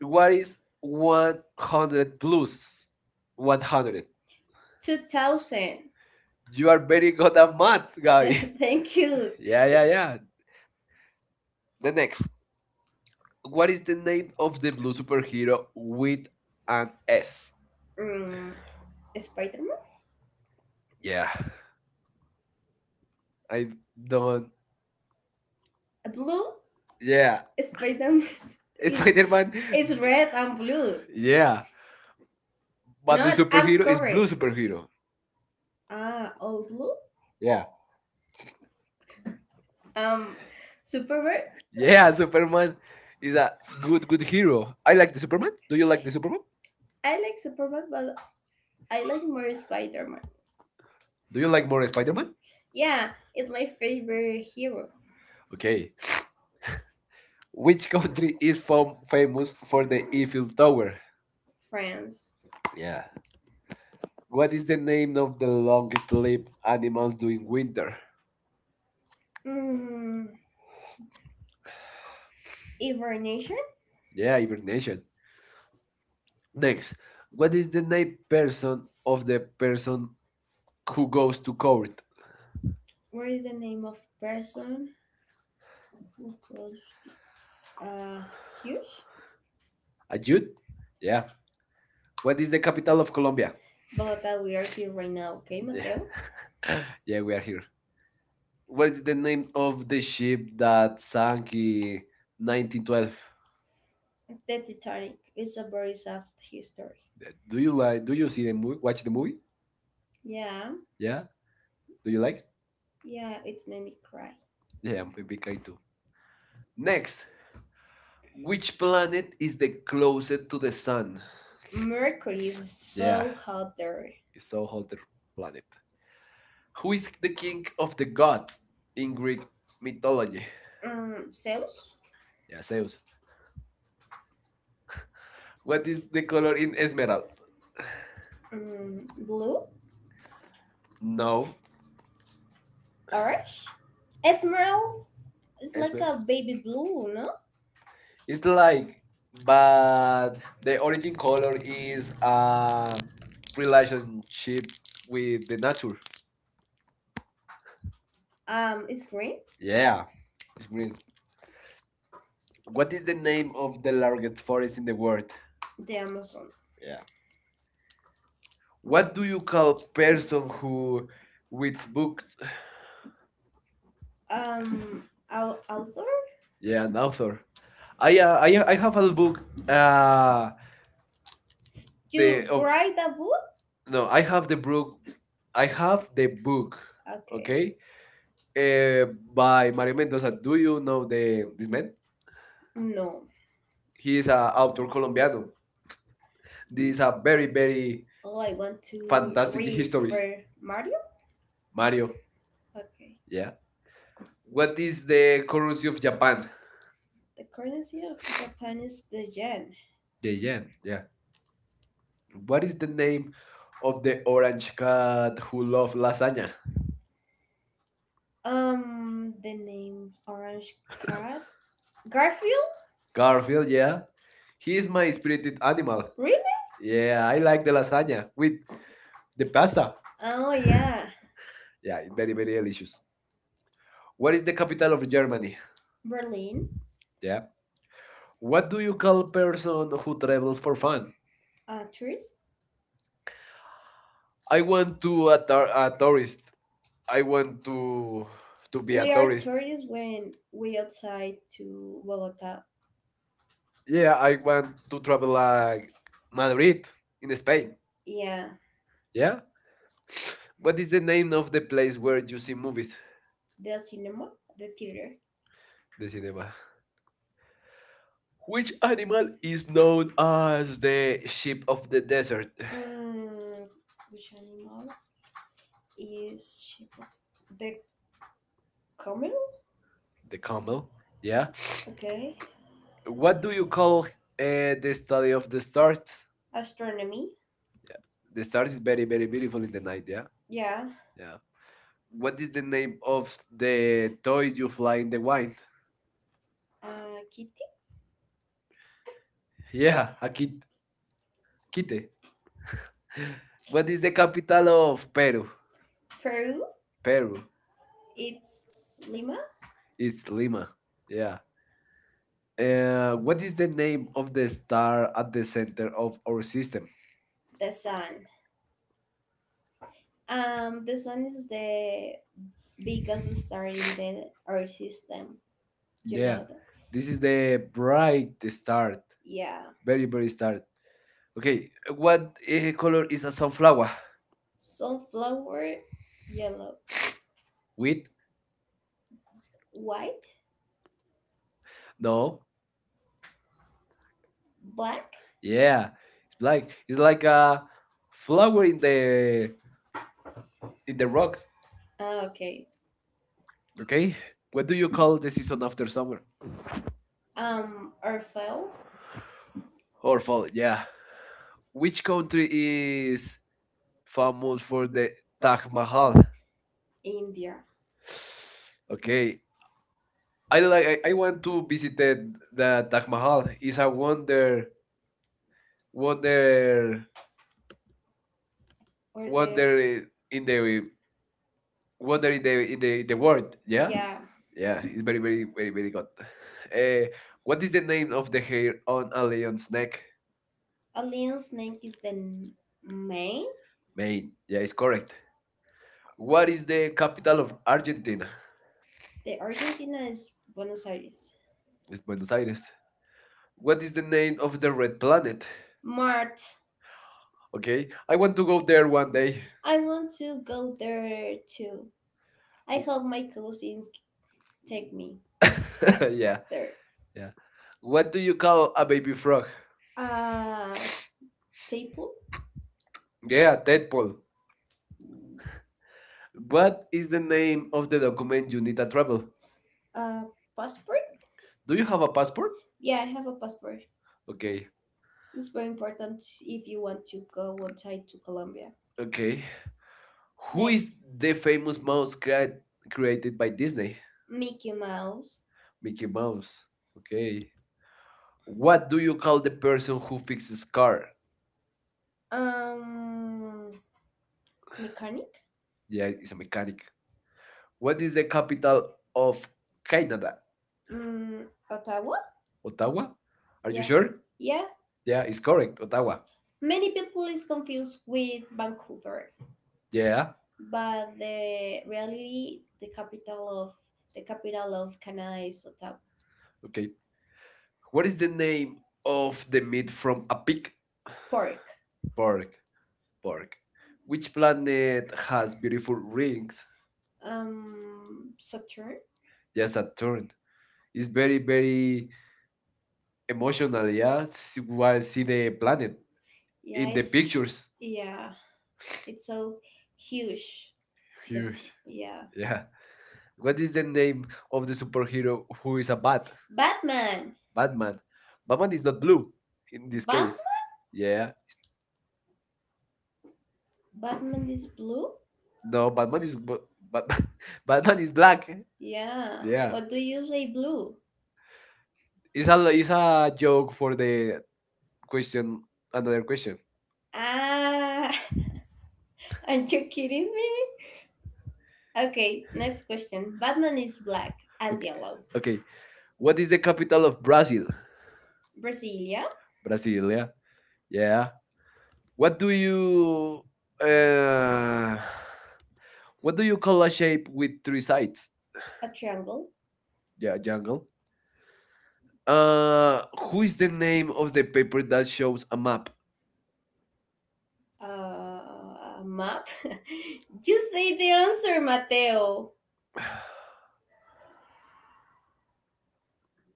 Speaker 2: What is
Speaker 1: What?
Speaker 2: 100 plus
Speaker 1: What
Speaker 2: 100?
Speaker 1: 2000. You
Speaker 2: You are
Speaker 1: are.
Speaker 2: very good at math, Gabi.
Speaker 1: Thank you.
Speaker 2: Yeah,
Speaker 1: Yeah.
Speaker 2: yeah, yeah. The next. What
Speaker 1: What
Speaker 2: is
Speaker 1: is
Speaker 2: the name of the blue superhero with
Speaker 1: with?
Speaker 2: an S?
Speaker 1: Mm, Spider Man.
Speaker 2: Yeah, I
Speaker 1: The
Speaker 2: don't.
Speaker 1: Blue. Yeah.
Speaker 2: Yeah,
Speaker 1: Is Spider-Man. It's
Speaker 2: Spider Man.
Speaker 1: Is, like- red and blue. Yeah.
Speaker 2: Yeah, but the
Speaker 1: Not I'm
Speaker 2: superhero is
Speaker 1: correct.
Speaker 2: blue
Speaker 1: Blue superhero.
Speaker 2: superhero.
Speaker 1: Ah, all blue.
Speaker 2: Yeah,
Speaker 1: Um, Superman.
Speaker 2: yeah, Superman is a good, good hero. I like the Superman. Do you like the Superman?
Speaker 1: I like Superman, but I like more Spider-Man.
Speaker 2: Do
Speaker 1: Do you
Speaker 2: you like
Speaker 1: like?
Speaker 2: more Spider Man?
Speaker 1: Yeah, it's my favorite hero. Okay.
Speaker 2: Okay. Which country is famous for the
Speaker 1: If
Speaker 2: Eiffel
Speaker 1: you
Speaker 2: Tower?
Speaker 1: France.
Speaker 2: Yeah. What is the
Speaker 1: Say
Speaker 2: name of
Speaker 1: no,
Speaker 2: the longest lived animal
Speaker 1: do it
Speaker 2: during
Speaker 1: winter.
Speaker 2: winter?
Speaker 1: Mm, Ever Nation.
Speaker 2: Yeah,
Speaker 1: Yeah, your
Speaker 2: hibernation.
Speaker 1: nation.
Speaker 2: Next, what is the name person of the person who goes to court?
Speaker 1: What is the name of person who close uh huge?
Speaker 2: A youth? Yeah. What is the capital of Colombia?
Speaker 1: But we are here right now, okay, yeah, Mateo?
Speaker 2: Yeah, yeah,
Speaker 1: Yeah,
Speaker 2: we
Speaker 1: we
Speaker 2: are
Speaker 1: are.
Speaker 2: here. What is
Speaker 1: What's
Speaker 2: the
Speaker 1: the
Speaker 2: name
Speaker 1: name
Speaker 2: of
Speaker 1: of
Speaker 2: the
Speaker 1: the ship
Speaker 2: ship that
Speaker 1: that
Speaker 2: sank
Speaker 1: sank
Speaker 2: in
Speaker 1: in
Speaker 2: 1912?
Speaker 1: 1912? The Titanic is a very sad history.
Speaker 2: Do
Speaker 1: Do
Speaker 2: you
Speaker 1: you
Speaker 2: like?
Speaker 1: like?
Speaker 2: Do
Speaker 1: Do you
Speaker 2: you see
Speaker 1: see
Speaker 2: the
Speaker 1: the
Speaker 2: movie?
Speaker 1: movie?
Speaker 2: Watch the movie?
Speaker 1: Yeah,
Speaker 2: Yeah. Do
Speaker 1: do
Speaker 2: you
Speaker 1: you
Speaker 2: like?
Speaker 1: like? Yeah, it made me cry.
Speaker 2: Yeah,
Speaker 1: Yeah,
Speaker 2: I'm a
Speaker 1: maybe.
Speaker 2: big guy too. Next,
Speaker 1: Can-
Speaker 2: which
Speaker 1: which
Speaker 2: planet is the closest to the
Speaker 1: sun?
Speaker 2: sun?
Speaker 1: Mercury is
Speaker 2: Yeah,
Speaker 1: so, yeah, hot there.
Speaker 2: it's so
Speaker 1: So
Speaker 2: hot the
Speaker 1: hot.
Speaker 2: planet. Who
Speaker 1: Who
Speaker 2: is
Speaker 1: is
Speaker 2: the
Speaker 1: the
Speaker 2: king
Speaker 1: king
Speaker 2: of
Speaker 1: of
Speaker 2: the
Speaker 1: the god
Speaker 2: gods
Speaker 1: in
Speaker 2: in
Speaker 1: Greek
Speaker 2: Greek mythology?
Speaker 1: mythology? Zeus?
Speaker 2: Yeah,
Speaker 1: Yeah,
Speaker 2: Zeus.
Speaker 1: Zeus.
Speaker 2: What
Speaker 1: What
Speaker 2: is
Speaker 1: is
Speaker 2: the
Speaker 1: the
Speaker 2: color
Speaker 1: color
Speaker 2: in
Speaker 1: in
Speaker 2: Esmeralda?
Speaker 1: Esmeralda? Blue?
Speaker 2: No,
Speaker 1: No. Orange? Esmeralda is like
Speaker 2: Esmeralda.
Speaker 1: a baby blue, no? It's
Speaker 2: It's
Speaker 1: not like,
Speaker 2: like, but
Speaker 1: but
Speaker 2: the
Speaker 1: the origin
Speaker 2: origin
Speaker 1: color
Speaker 2: color is
Speaker 1: is um,
Speaker 2: a
Speaker 1: relation
Speaker 2: relationship
Speaker 1: with.
Speaker 2: with the nature.
Speaker 1: It's green. Yeah.
Speaker 2: Yeah, it's
Speaker 1: It's
Speaker 2: green.
Speaker 1: green.
Speaker 2: What is
Speaker 1: It's
Speaker 2: the
Speaker 1: the
Speaker 2: name
Speaker 1: name of
Speaker 2: of the
Speaker 1: the
Speaker 2: largest
Speaker 1: largest
Speaker 2: forest
Speaker 1: forest
Speaker 2: in
Speaker 1: in
Speaker 2: the
Speaker 1: the
Speaker 2: world?
Speaker 1: world. The Amazon. Yeah.
Speaker 2: Yeah. What
Speaker 1: What
Speaker 2: do
Speaker 1: do you
Speaker 2: you call
Speaker 1: call person
Speaker 2: person
Speaker 1: who
Speaker 2: who reads
Speaker 1: reads books?
Speaker 2: books?
Speaker 1: Author?
Speaker 2: Yeah,
Speaker 1: Yeah.
Speaker 2: an
Speaker 1: Now
Speaker 2: author. I
Speaker 1: I
Speaker 2: have
Speaker 1: have a
Speaker 2: a
Speaker 1: book.
Speaker 2: book.
Speaker 1: Uh,
Speaker 2: Uh, the
Speaker 1: you the-
Speaker 2: of
Speaker 1: write a book?
Speaker 2: no, I have the book.
Speaker 1: Book. I
Speaker 2: I
Speaker 1: have
Speaker 2: have the
Speaker 1: the book.
Speaker 2: book. Okay,
Speaker 1: Okay. Okay.
Speaker 2: uh,
Speaker 1: Uh, by
Speaker 2: by Mario
Speaker 1: Maria
Speaker 2: Mendoza.
Speaker 1: Mendoza.
Speaker 2: Do
Speaker 1: Do
Speaker 2: you
Speaker 1: you
Speaker 2: know
Speaker 1: know
Speaker 2: the
Speaker 1: the
Speaker 2: this
Speaker 1: this
Speaker 2: man?
Speaker 1: name? No.
Speaker 2: He is a author colombiano.
Speaker 1: Colombiano?
Speaker 2: These
Speaker 1: This is
Speaker 2: are
Speaker 1: a
Speaker 2: very, very
Speaker 1: very, oh, I want to fantastic
Speaker 2: fantastic
Speaker 1: read
Speaker 2: histories.
Speaker 1: histories for Mario?
Speaker 2: Mario.
Speaker 1: Okay.
Speaker 2: Yeah. What is the currency of
Speaker 1: Corrosive.
Speaker 2: Japan?
Speaker 1: The currency of Japan is the yen.
Speaker 2: The yen. Yeah. What is the name
Speaker 1: Name,
Speaker 2: of the orange cat who loves lasagna?
Speaker 1: lasagna. The name Orange Cat Garfield.
Speaker 2: Garfield,
Speaker 1: Garfield.
Speaker 2: yeah. He
Speaker 1: He
Speaker 2: is
Speaker 1: is
Speaker 2: my
Speaker 1: my
Speaker 2: spirited animal.
Speaker 1: animal. Really?
Speaker 2: Yeah, I like
Speaker 1: Like
Speaker 2: the
Speaker 1: the
Speaker 2: lasagna
Speaker 1: lasagna
Speaker 2: with
Speaker 1: with.
Speaker 2: the pasta.
Speaker 1: Oh yeah.
Speaker 2: Yeah, it's very,
Speaker 1: Very
Speaker 2: very
Speaker 1: very
Speaker 2: delicious.
Speaker 1: delicious.
Speaker 2: What is the capital
Speaker 1: Capital
Speaker 2: of
Speaker 1: of
Speaker 2: Germany?
Speaker 1: Germany. Berlin.
Speaker 2: Yeah.
Speaker 1: Yeah.
Speaker 2: What
Speaker 1: What
Speaker 2: do
Speaker 1: do
Speaker 2: you
Speaker 1: you?
Speaker 2: call a person who travels for fun?
Speaker 1: Tourist.
Speaker 2: I want
Speaker 1: Want
Speaker 2: to
Speaker 1: to are
Speaker 2: a
Speaker 1: a
Speaker 2: tourist.
Speaker 1: tourist.
Speaker 2: I
Speaker 1: I want
Speaker 2: want to to
Speaker 1: to
Speaker 2: be
Speaker 1: be
Speaker 2: a
Speaker 1: we a are tourist
Speaker 2: tourist.
Speaker 1: tourists when we outside to Bogota.
Speaker 2: Yeah, I want to travel like Madrid in Spain.
Speaker 1: Yeah,
Speaker 2: Yeah. What is the name of the place where you
Speaker 1: you
Speaker 2: see
Speaker 1: see
Speaker 2: movies?
Speaker 1: movies, the cinema, the theater. The
Speaker 2: The
Speaker 1: cinema.
Speaker 2: cinema. Which
Speaker 1: Which
Speaker 2: animal
Speaker 1: animal
Speaker 2: is
Speaker 1: is
Speaker 2: known as
Speaker 1: as the
Speaker 2: the sheep of the desert?
Speaker 1: desert? Which animal is cheaper? The camel?
Speaker 2: The
Speaker 1: Camel.
Speaker 2: camel. Yeah.
Speaker 1: Yeah. Okay.
Speaker 2: What
Speaker 1: What
Speaker 2: do
Speaker 1: do
Speaker 2: you
Speaker 1: you?
Speaker 2: call the study of the stars?
Speaker 1: Astronomy? The
Speaker 2: The
Speaker 1: star
Speaker 2: stars is very, very
Speaker 1: beautiful
Speaker 2: beautiful in
Speaker 1: in the
Speaker 2: the
Speaker 1: night?
Speaker 2: night.
Speaker 1: Yeah.
Speaker 2: Yeah.
Speaker 1: Yeah.
Speaker 2: Yeah. What
Speaker 1: What
Speaker 2: is
Speaker 1: is
Speaker 2: the
Speaker 1: the
Speaker 2: name
Speaker 1: name
Speaker 2: of
Speaker 1: of
Speaker 2: the
Speaker 1: the toy
Speaker 2: toy you
Speaker 1: you
Speaker 2: fly
Speaker 1: fly
Speaker 2: in
Speaker 1: in
Speaker 2: the
Speaker 1: the wind?
Speaker 2: wind?
Speaker 1: Kitty?
Speaker 2: Yeah,
Speaker 1: Yeah,
Speaker 2: a
Speaker 1: a ki-
Speaker 2: kite.
Speaker 1: kitty.
Speaker 2: What
Speaker 1: What is
Speaker 2: is
Speaker 1: the
Speaker 2: the capital
Speaker 1: capital
Speaker 2: of
Speaker 1: of
Speaker 2: Peru?
Speaker 1: Peru? Peru? Peru.
Speaker 2: Peru.
Speaker 1: It's Lima? It's
Speaker 2: It's
Speaker 1: Lima.
Speaker 2: Lima.
Speaker 1: Yeah.
Speaker 2: Yeah. What
Speaker 1: What
Speaker 2: is
Speaker 1: is
Speaker 2: the
Speaker 1: the
Speaker 2: name
Speaker 1: name
Speaker 2: of
Speaker 1: of
Speaker 2: the star at the
Speaker 1: the
Speaker 2: center
Speaker 1: center?
Speaker 2: of our system?
Speaker 1: The sun. The sun is the biggest star in the Earth system. You know,
Speaker 2: Yeah,
Speaker 1: yeah, that?
Speaker 2: this
Speaker 1: This
Speaker 2: is
Speaker 1: is,
Speaker 2: the bright start.
Speaker 1: yeah,
Speaker 2: Very, very
Speaker 1: the
Speaker 2: start.
Speaker 1: start.
Speaker 2: Okay,
Speaker 1: Okay.
Speaker 2: what color is a sunflower?
Speaker 1: Sunflower, yellow,
Speaker 2: Wheat?
Speaker 1: white,
Speaker 2: No.
Speaker 1: black. Yeah.
Speaker 2: Yeah, it's black. It's like a flower in
Speaker 1: Glowing uh,
Speaker 2: the
Speaker 1: in the rock,
Speaker 2: rocks.
Speaker 1: ah, okay.
Speaker 2: Okay.
Speaker 1: Okay?
Speaker 2: What do you call the season after summer
Speaker 1: Orfel.
Speaker 2: or
Speaker 1: Or
Speaker 2: fall? Yeah.
Speaker 1: yeah.
Speaker 2: Which
Speaker 1: Which country
Speaker 2: country
Speaker 1: is
Speaker 2: is famous
Speaker 1: famous for
Speaker 2: for the
Speaker 1: the
Speaker 2: Taj
Speaker 1: Taj
Speaker 2: Mahal?
Speaker 1: Mahal? India. Okay.
Speaker 2: Okay, I
Speaker 1: I
Speaker 2: like.
Speaker 1: like.
Speaker 2: I
Speaker 1: I want
Speaker 2: want to
Speaker 1: to visit
Speaker 2: visit the
Speaker 1: the Taj
Speaker 2: Taj Mahal.
Speaker 1: Mahal. It's
Speaker 2: It's a
Speaker 1: a wonder, wonder,
Speaker 2: wonder
Speaker 1: or
Speaker 2: wonder
Speaker 1: wonder,
Speaker 2: in the wonder
Speaker 1: wonder.
Speaker 2: in the the world,
Speaker 1: Yeah.
Speaker 2: yeah.
Speaker 1: Yeah, yeah.
Speaker 2: Yeah, it's
Speaker 1: Very, very.
Speaker 2: very good.
Speaker 1: Uh,
Speaker 2: uh, what
Speaker 1: what
Speaker 2: is
Speaker 1: is the
Speaker 2: the name
Speaker 1: name
Speaker 2: of
Speaker 1: of the
Speaker 2: the hair
Speaker 1: hair
Speaker 2: on
Speaker 1: on
Speaker 2: a
Speaker 1: a lion's
Speaker 2: lion's
Speaker 1: neck?
Speaker 2: neck?
Speaker 1: A lion's neck is the mane. Mane.
Speaker 2: Mane,
Speaker 1: May
Speaker 2: yeah, it's correct. What is the capital of Argentina?
Speaker 1: Argentina. The Argentina is Buenos Aires.
Speaker 2: It's
Speaker 1: It's Buenos
Speaker 2: Buenos
Speaker 1: Aires.
Speaker 2: Aires. What is the name
Speaker 1: Name
Speaker 2: of
Speaker 1: of-
Speaker 2: the red planet?
Speaker 1: Mart,
Speaker 2: Okay, I want to go there one day.
Speaker 1: I want to go there too. I hope
Speaker 2: W-
Speaker 1: my cousins take me
Speaker 2: yeah.
Speaker 1: there.
Speaker 2: Yeah, what do you call a baby frog?
Speaker 1: Uh, table?
Speaker 2: Yeah, tadpole. What
Speaker 1: What
Speaker 2: is the name
Speaker 1: name
Speaker 2: of
Speaker 1: of
Speaker 2: the
Speaker 1: when
Speaker 2: document you
Speaker 1: you
Speaker 2: need
Speaker 1: need
Speaker 2: to
Speaker 1: a
Speaker 2: travel?
Speaker 1: Uh, passport?
Speaker 2: Do
Speaker 1: Do
Speaker 2: you
Speaker 1: you
Speaker 2: have
Speaker 1: have
Speaker 2: a
Speaker 1: a
Speaker 2: passport?
Speaker 1: passport? Yeah, I have a passport.
Speaker 2: Okay,
Speaker 1: It's very important if you want to go outside to Colombia.
Speaker 2: okay.
Speaker 1: Okay. Who
Speaker 2: Who
Speaker 1: next,
Speaker 2: is
Speaker 1: is
Speaker 2: the
Speaker 1: the famous
Speaker 2: famous mouse
Speaker 1: mouse cat
Speaker 2: created
Speaker 1: created
Speaker 2: by
Speaker 1: by
Speaker 2: Disney?
Speaker 1: Disney? Mickey Mouse.
Speaker 2: Mickey
Speaker 1: Mickey
Speaker 2: Mouse.
Speaker 1: Mouse. Okay.
Speaker 2: Okay. What
Speaker 1: What
Speaker 2: do
Speaker 1: do
Speaker 2: you
Speaker 1: you
Speaker 2: call
Speaker 1: call
Speaker 2: the
Speaker 1: the
Speaker 2: person
Speaker 1: person
Speaker 2: who
Speaker 1: who
Speaker 2: fixes
Speaker 1: fixes
Speaker 2: car?
Speaker 1: car? Um, mechanic.
Speaker 2: Yeah,
Speaker 1: Yeah,
Speaker 2: he's a
Speaker 1: he's a
Speaker 2: mechanic.
Speaker 1: mechanic.
Speaker 2: What is the capital of Canada?
Speaker 1: Ottawa. Ottawa?
Speaker 2: Ottawa? Are
Speaker 1: Are, yeah, you,
Speaker 2: you
Speaker 1: yeah, sure?
Speaker 2: sure?
Speaker 1: Yeah.
Speaker 2: Yeah,
Speaker 1: Yeah,
Speaker 2: it's
Speaker 1: it's called.
Speaker 2: correct. Ottawa.
Speaker 1: Many people is confused with Vancouver.
Speaker 2: Yeah.
Speaker 1: Yeah. But the reality, the capital of Canada is Ottawa.
Speaker 2: Okay. What is the name
Speaker 1: Hey,
Speaker 2: of the meat from a pig?
Speaker 1: pork.
Speaker 2: Pork. Pork.
Speaker 1: We
Speaker 2: Which planet has
Speaker 1: has
Speaker 2: beautiful
Speaker 1: beautiful
Speaker 2: rings?
Speaker 1: rings. Saturn.
Speaker 2: Yes, Saturn.
Speaker 1: Saturn
Speaker 2: It's
Speaker 1: is
Speaker 2: very,
Speaker 1: very,
Speaker 2: very
Speaker 1: very,
Speaker 2: emotional, yeah,
Speaker 1: yeah, it's
Speaker 2: while
Speaker 1: one
Speaker 2: see the planet
Speaker 1: planet. Yeah,
Speaker 2: in
Speaker 1: in
Speaker 2: the
Speaker 1: the, it's
Speaker 2: pictures.
Speaker 1: pictures. Yeah, it's so huge. The- huge.
Speaker 2: Huge.
Speaker 1: Yeah,
Speaker 2: Yeah.
Speaker 1: yeah.
Speaker 2: What
Speaker 1: What
Speaker 2: is
Speaker 1: is
Speaker 2: the
Speaker 1: the name
Speaker 2: name of
Speaker 1: of
Speaker 2: the
Speaker 1: the super?
Speaker 2: superhero who is a bat?
Speaker 1: Batman.
Speaker 2: Batman. Batman is not blue in
Speaker 1: In
Speaker 2: this
Speaker 1: this Batman? Case?
Speaker 2: case.
Speaker 1: Bat. Yeah.
Speaker 2: Yeah.
Speaker 1: Batman is blue.
Speaker 2: No,
Speaker 1: No. What
Speaker 2: Batman is
Speaker 1: is
Speaker 2: bu-
Speaker 1: but
Speaker 2: but
Speaker 1: but
Speaker 2: Batman is black.
Speaker 1: Yeah. Yeah.
Speaker 2: Yeah.
Speaker 1: What do you say, blue?
Speaker 2: It's a joke for the
Speaker 1: The
Speaker 2: question another question.
Speaker 1: ah, are not you kidding me? Okay, next question. Batman is black and
Speaker 2: Okay.
Speaker 1: yellow.
Speaker 2: Okay. What is the capital of Brazil?
Speaker 1: Brasilia,
Speaker 2: Brasilia.
Speaker 1: Brasilia.
Speaker 2: Yeah. What
Speaker 1: What
Speaker 2: do
Speaker 1: do
Speaker 2: you
Speaker 1: you uh,
Speaker 2: uh What
Speaker 1: what
Speaker 2: do
Speaker 1: do
Speaker 2: you
Speaker 1: you
Speaker 2: call a shape
Speaker 1: create with
Speaker 2: with three sides?
Speaker 1: a triangle,
Speaker 2: Yeah, jungle.
Speaker 1: uh
Speaker 2: Who
Speaker 1: who
Speaker 2: is
Speaker 1: is
Speaker 2: the
Speaker 1: the
Speaker 2: name of the paper that shows
Speaker 1: most
Speaker 2: a
Speaker 1: a
Speaker 2: map?
Speaker 1: map? A map. you say the answer, Mateo.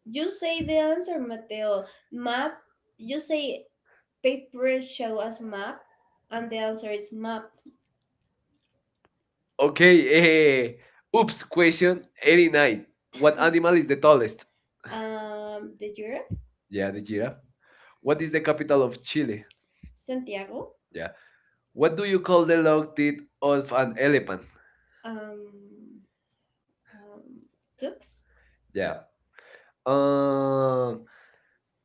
Speaker 1: You say the answer, Mateo. Map. You say paper show as map, and the answer is map.
Speaker 2: Okay, eh. Oops,
Speaker 1: Oops.
Speaker 2: question 89.
Speaker 1: What
Speaker 2: What animal
Speaker 1: animal
Speaker 2: is
Speaker 1: is
Speaker 2: the
Speaker 1: the tallest?
Speaker 2: tallest?
Speaker 1: The giraffe.
Speaker 2: Yeah,
Speaker 1: Yeah,
Speaker 2: the
Speaker 1: the giraffe.
Speaker 2: giraffe. What
Speaker 1: What is
Speaker 2: is the
Speaker 1: the
Speaker 2: capital
Speaker 1: capital
Speaker 2: of
Speaker 1: of Chile?
Speaker 2: Chile?
Speaker 1: Santiago.
Speaker 2: Yeah.
Speaker 1: Yeah.
Speaker 2: What
Speaker 1: What
Speaker 2: do
Speaker 1: do
Speaker 2: you
Speaker 1: you
Speaker 2: call
Speaker 1: call the
Speaker 2: the long
Speaker 1: long
Speaker 2: teeth
Speaker 1: teeth
Speaker 2: of
Speaker 1: of
Speaker 2: an
Speaker 1: an
Speaker 2: elephant?
Speaker 1: elephant? Um, um, Tux.
Speaker 2: Yeah.
Speaker 1: Yeah.
Speaker 2: Uh,
Speaker 1: Uh,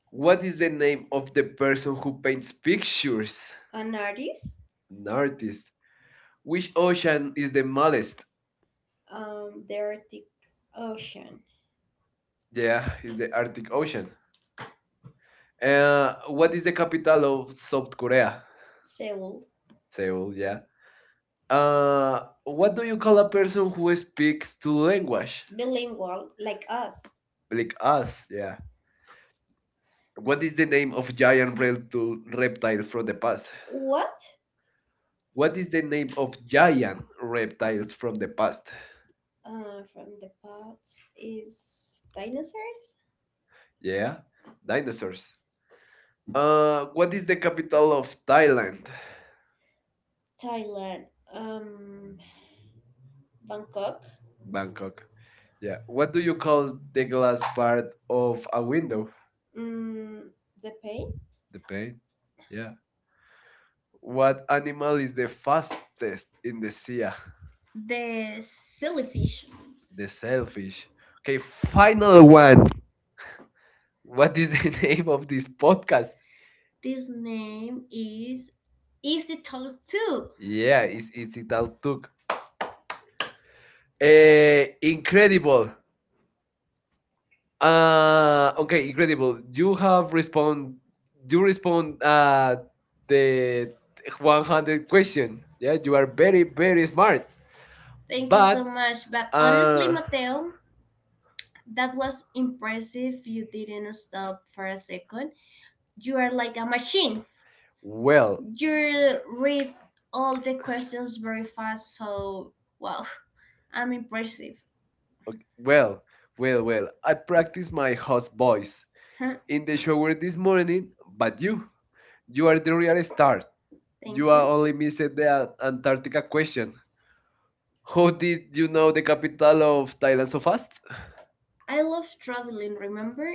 Speaker 2: what
Speaker 1: what
Speaker 2: is
Speaker 1: is
Speaker 2: the
Speaker 1: the
Speaker 2: name
Speaker 1: name
Speaker 2: of
Speaker 1: of
Speaker 2: the
Speaker 1: the
Speaker 2: person
Speaker 1: person
Speaker 2: who
Speaker 1: who
Speaker 2: paints pictures?
Speaker 1: pictures? An artist.
Speaker 2: An
Speaker 1: An artist.
Speaker 2: artist. Which ocean
Speaker 1: Ocean
Speaker 2: is
Speaker 1: is,
Speaker 2: the smallest?
Speaker 1: The Arctic Ocean.
Speaker 2: Yeah, is
Speaker 1: Is
Speaker 2: the
Speaker 1: the
Speaker 2: Arctic Ocean.
Speaker 1: ocean.
Speaker 2: What is the capital of South Korea?
Speaker 1: Seoul.
Speaker 2: Seoul, yeah. What
Speaker 1: What
Speaker 2: do
Speaker 1: do
Speaker 2: you
Speaker 1: you
Speaker 2: call
Speaker 1: call?
Speaker 2: a person who speaks two language?
Speaker 1: Bilingual, like us.
Speaker 2: Like us, yeah. What is the name of giant
Speaker 1: The reptile?
Speaker 2: reptiles from the
Speaker 1: From?
Speaker 2: past?
Speaker 1: What?
Speaker 2: What
Speaker 1: What
Speaker 2: is
Speaker 1: is
Speaker 2: the
Speaker 1: the
Speaker 2: name of
Speaker 1: guardian
Speaker 2: giant
Speaker 1: reptile
Speaker 2: reptiles from the past?
Speaker 1: from the past is dinosaurs.
Speaker 2: Yeah,
Speaker 1: Yeah, dinosaur.
Speaker 2: dinosaurs. What is the capital of Thailand?
Speaker 1: Thailand. Thailand, um, Bangkok. Bangkok.
Speaker 2: Bangkok. Yeah.
Speaker 1: Yeah.
Speaker 2: What
Speaker 1: What
Speaker 2: do
Speaker 1: do
Speaker 2: you
Speaker 1: you
Speaker 2: call
Speaker 1: call
Speaker 2: the
Speaker 1: the glass
Speaker 2: glass part
Speaker 1: bar
Speaker 2: of a window?
Speaker 1: window? Mm, the pain.
Speaker 2: The
Speaker 1: Okay.
Speaker 2: pane.
Speaker 1: Yeah.
Speaker 2: Yeah. What animal
Speaker 1: Animal
Speaker 2: is the
Speaker 1: lost
Speaker 2: fastest in
Speaker 1: in
Speaker 2: the
Speaker 1: the.
Speaker 2: sea?
Speaker 1: The sillyfish.
Speaker 2: The
Speaker 1: The selfish.
Speaker 2: selfish. Okay, final
Speaker 1: Final.
Speaker 2: one. What
Speaker 1: What?
Speaker 2: is the name of this podcast?
Speaker 1: This name is easy talk too.
Speaker 2: Yeah,
Speaker 1: Yeah.
Speaker 2: it's
Speaker 1: It's talk.
Speaker 2: Italtuk. Incredible. Okay, incredible. You have respond. You respond the 100 question. Yeah, you are very very smart.
Speaker 1: Thank you but
Speaker 2: But
Speaker 1: so much. But honestly,
Speaker 2: uh,
Speaker 1: Mateo, that was impressive. You didn't stop for a second. You are like a machine. Well,
Speaker 2: well,
Speaker 1: you read all the questions very fast, so wow, I'm impressive.
Speaker 2: okay, well. I practice my host
Speaker 1: Boy,
Speaker 2: voice
Speaker 1: huh?
Speaker 2: in the
Speaker 1: It
Speaker 2: shower this
Speaker 1: is more than
Speaker 2: morning, but
Speaker 1: you.
Speaker 2: you are the real star.
Speaker 1: Thank you.
Speaker 2: You are
Speaker 1: You
Speaker 2: only missed the Antarctica question. How
Speaker 1: are-
Speaker 2: did you
Speaker 1: you
Speaker 2: know
Speaker 1: know
Speaker 2: the
Speaker 1: the
Speaker 2: capital
Speaker 1: capital
Speaker 2: of
Speaker 1: of
Speaker 2: Thailand
Speaker 1: Thailand
Speaker 2: so
Speaker 1: so fast.
Speaker 2: fast?
Speaker 1: I love traveling, remember?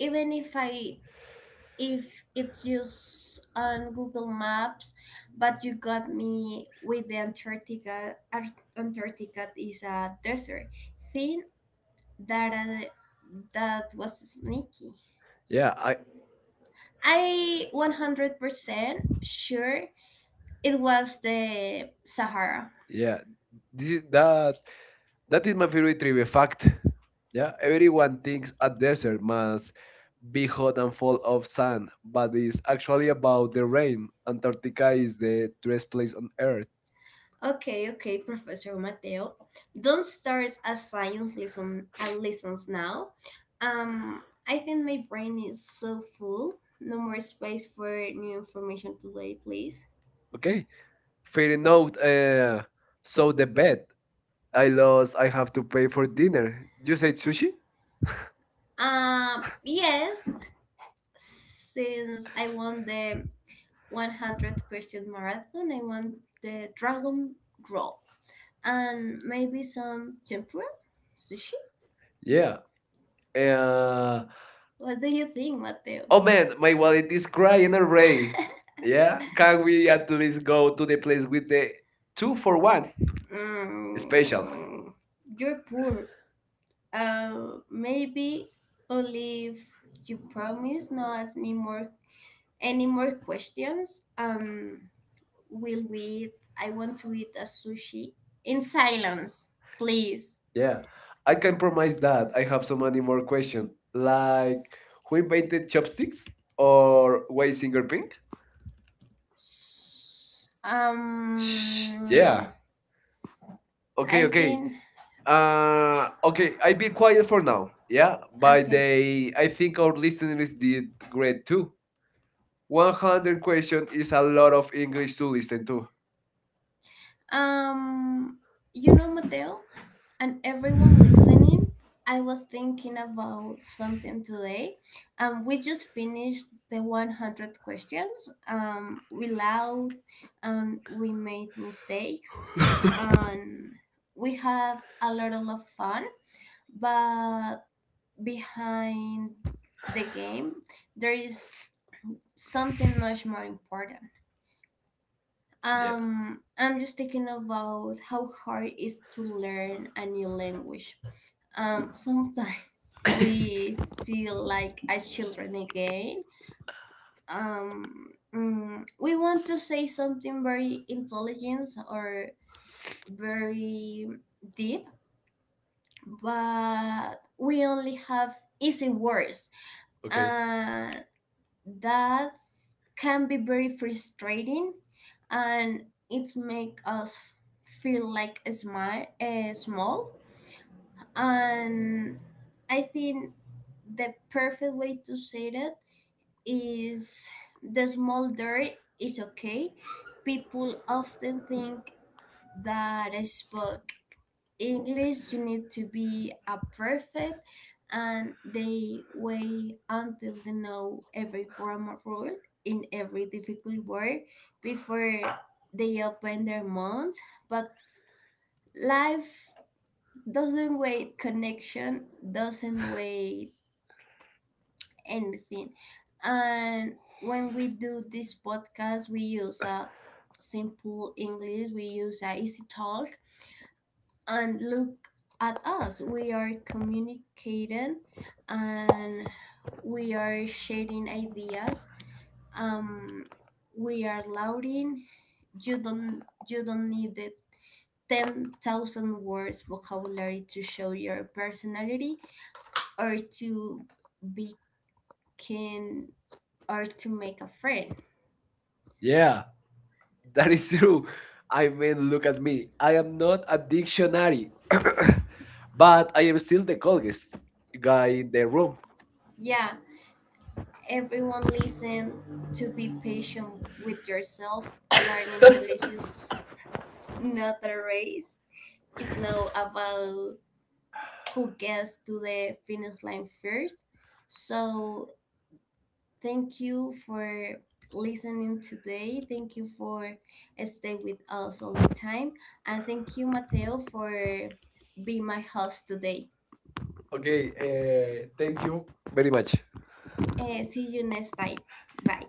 Speaker 1: Even if I if it's just on Google Maps, but you got me with the Antarctica. Ar- Antarctica is a desert thing that that was sneaky.
Speaker 2: Yeah,
Speaker 1: Yeah, I
Speaker 2: I
Speaker 1: I 100% sure it was the Sahara. Yeah.
Speaker 2: yeah, this is that
Speaker 1: That
Speaker 2: that is
Speaker 1: is
Speaker 2: my
Speaker 1: my
Speaker 2: favorite trivia fact. Yeah, everyone thinks a desert must
Speaker 1: was
Speaker 2: be
Speaker 1: behind
Speaker 2: hot and full of sand, but it's actually about the rain. Antarctica is
Speaker 1: the
Speaker 2: the driest place on Earth.
Speaker 1: okay, okay, Professor Mateo. Don't start a lessons now. I think my brain is so full. No more space for new information today, please.
Speaker 2: Okay, fair enough. So the bed I lost. I have to pay for dinner. You said sushi?
Speaker 1: Yes, since I won the 100 question marathon, I won the dragon roll and maybe some tempura sushi.
Speaker 2: Yeah. Uh,
Speaker 1: What do you think, Mateo?
Speaker 2: oh
Speaker 1: Oh,
Speaker 2: man, my wallet is crying already.
Speaker 1: great. yeah.
Speaker 2: Yeah, can we at least
Speaker 1: Let's
Speaker 2: go
Speaker 1: go.
Speaker 2: to the place with the two
Speaker 1: Two
Speaker 2: for
Speaker 1: for
Speaker 2: one special?
Speaker 1: especially. You're poor. Maybe only if you promise not ask me more any more questions. Will we? I want to eat a sushi in silence, please.
Speaker 2: Yeah. I can promise that I have so
Speaker 1: So
Speaker 2: many
Speaker 1: many
Speaker 2: more
Speaker 1: more questions.
Speaker 2: questions, like
Speaker 1: Like,
Speaker 2: who invented chopsticks or
Speaker 1: or
Speaker 2: why singer pink?
Speaker 1: S-
Speaker 2: Shh. Yeah.
Speaker 1: Yeah. Okay,
Speaker 2: Okay,
Speaker 1: I okay.
Speaker 2: okay.
Speaker 1: Think Uh,
Speaker 2: Okay,
Speaker 1: I
Speaker 2: I've
Speaker 1: be
Speaker 2: been quiet
Speaker 1: quiet
Speaker 2: for now. Yeah,
Speaker 1: by
Speaker 2: but
Speaker 1: okay.
Speaker 2: they,
Speaker 1: The.
Speaker 2: I
Speaker 1: I
Speaker 2: think
Speaker 1: think
Speaker 2: our
Speaker 1: our
Speaker 2: listeners
Speaker 1: listeners
Speaker 2: did
Speaker 1: did
Speaker 2: great
Speaker 1: great
Speaker 2: too.
Speaker 1: too.
Speaker 2: 100
Speaker 1: 100
Speaker 2: question
Speaker 1: questions
Speaker 2: is
Speaker 1: is
Speaker 2: a
Speaker 1: a
Speaker 2: lot
Speaker 1: lot
Speaker 2: of
Speaker 1: of
Speaker 2: English
Speaker 1: English
Speaker 2: to
Speaker 1: to
Speaker 2: listen
Speaker 1: listen to.
Speaker 2: to.
Speaker 1: Um, you know, Mateo, and everyone, I was thinking about something today. We just finished the 100 questions. We laughed, and we made mistakes, and we had a lot of fun, but behind the game, there is something much more important.
Speaker 2: Yeah,
Speaker 1: I'm just thinking about how hard it is to learn a new language. Sometimes we feel like as children again. We want to say something very intelligent or very deep, but we only have easy words. Mhm.
Speaker 2: okay.
Speaker 1: And that can be very frustrating, and it make us feel like a small. And I think the perfect way to say that is the small dirt is okay. People often think that I spoke English, you need to be a perfect, and they wait until they know every grammar rule in every difficult word before they open their mouths. But life doesn't wait connection, doesn't wait anything. And when we do this podcast, we use a simple English, we use a easy talk, and look at us. We are communicating and we are sharing ideas. Um, we are louding. You don't need the 10,000 words vocabulary to show your personality, or to begin, or to make a friend.
Speaker 2: Yeah, that is true. I mean,
Speaker 1: And
Speaker 2: look
Speaker 1: look
Speaker 2: at
Speaker 1: at
Speaker 2: me.
Speaker 1: me.
Speaker 2: I
Speaker 1: I
Speaker 2: am
Speaker 1: am
Speaker 2: not
Speaker 1: not
Speaker 2: a
Speaker 1: canary,
Speaker 2: dictionary, but
Speaker 1: but
Speaker 2: I am still the coldest guy in the
Speaker 1: a rock.
Speaker 2: room.
Speaker 1: Yeah, everyone listen to be patient with yourself. Learning English is not a race. It's not about who gets to the finish line first. So thank you for listening today. Thank you for stay with us all the time. And thank you, Mateo, for being my host today. Okay,
Speaker 2: Okay, thank
Speaker 1: thank
Speaker 2: you
Speaker 1: you.
Speaker 2: very much.
Speaker 1: Eh, see you next time. Bye.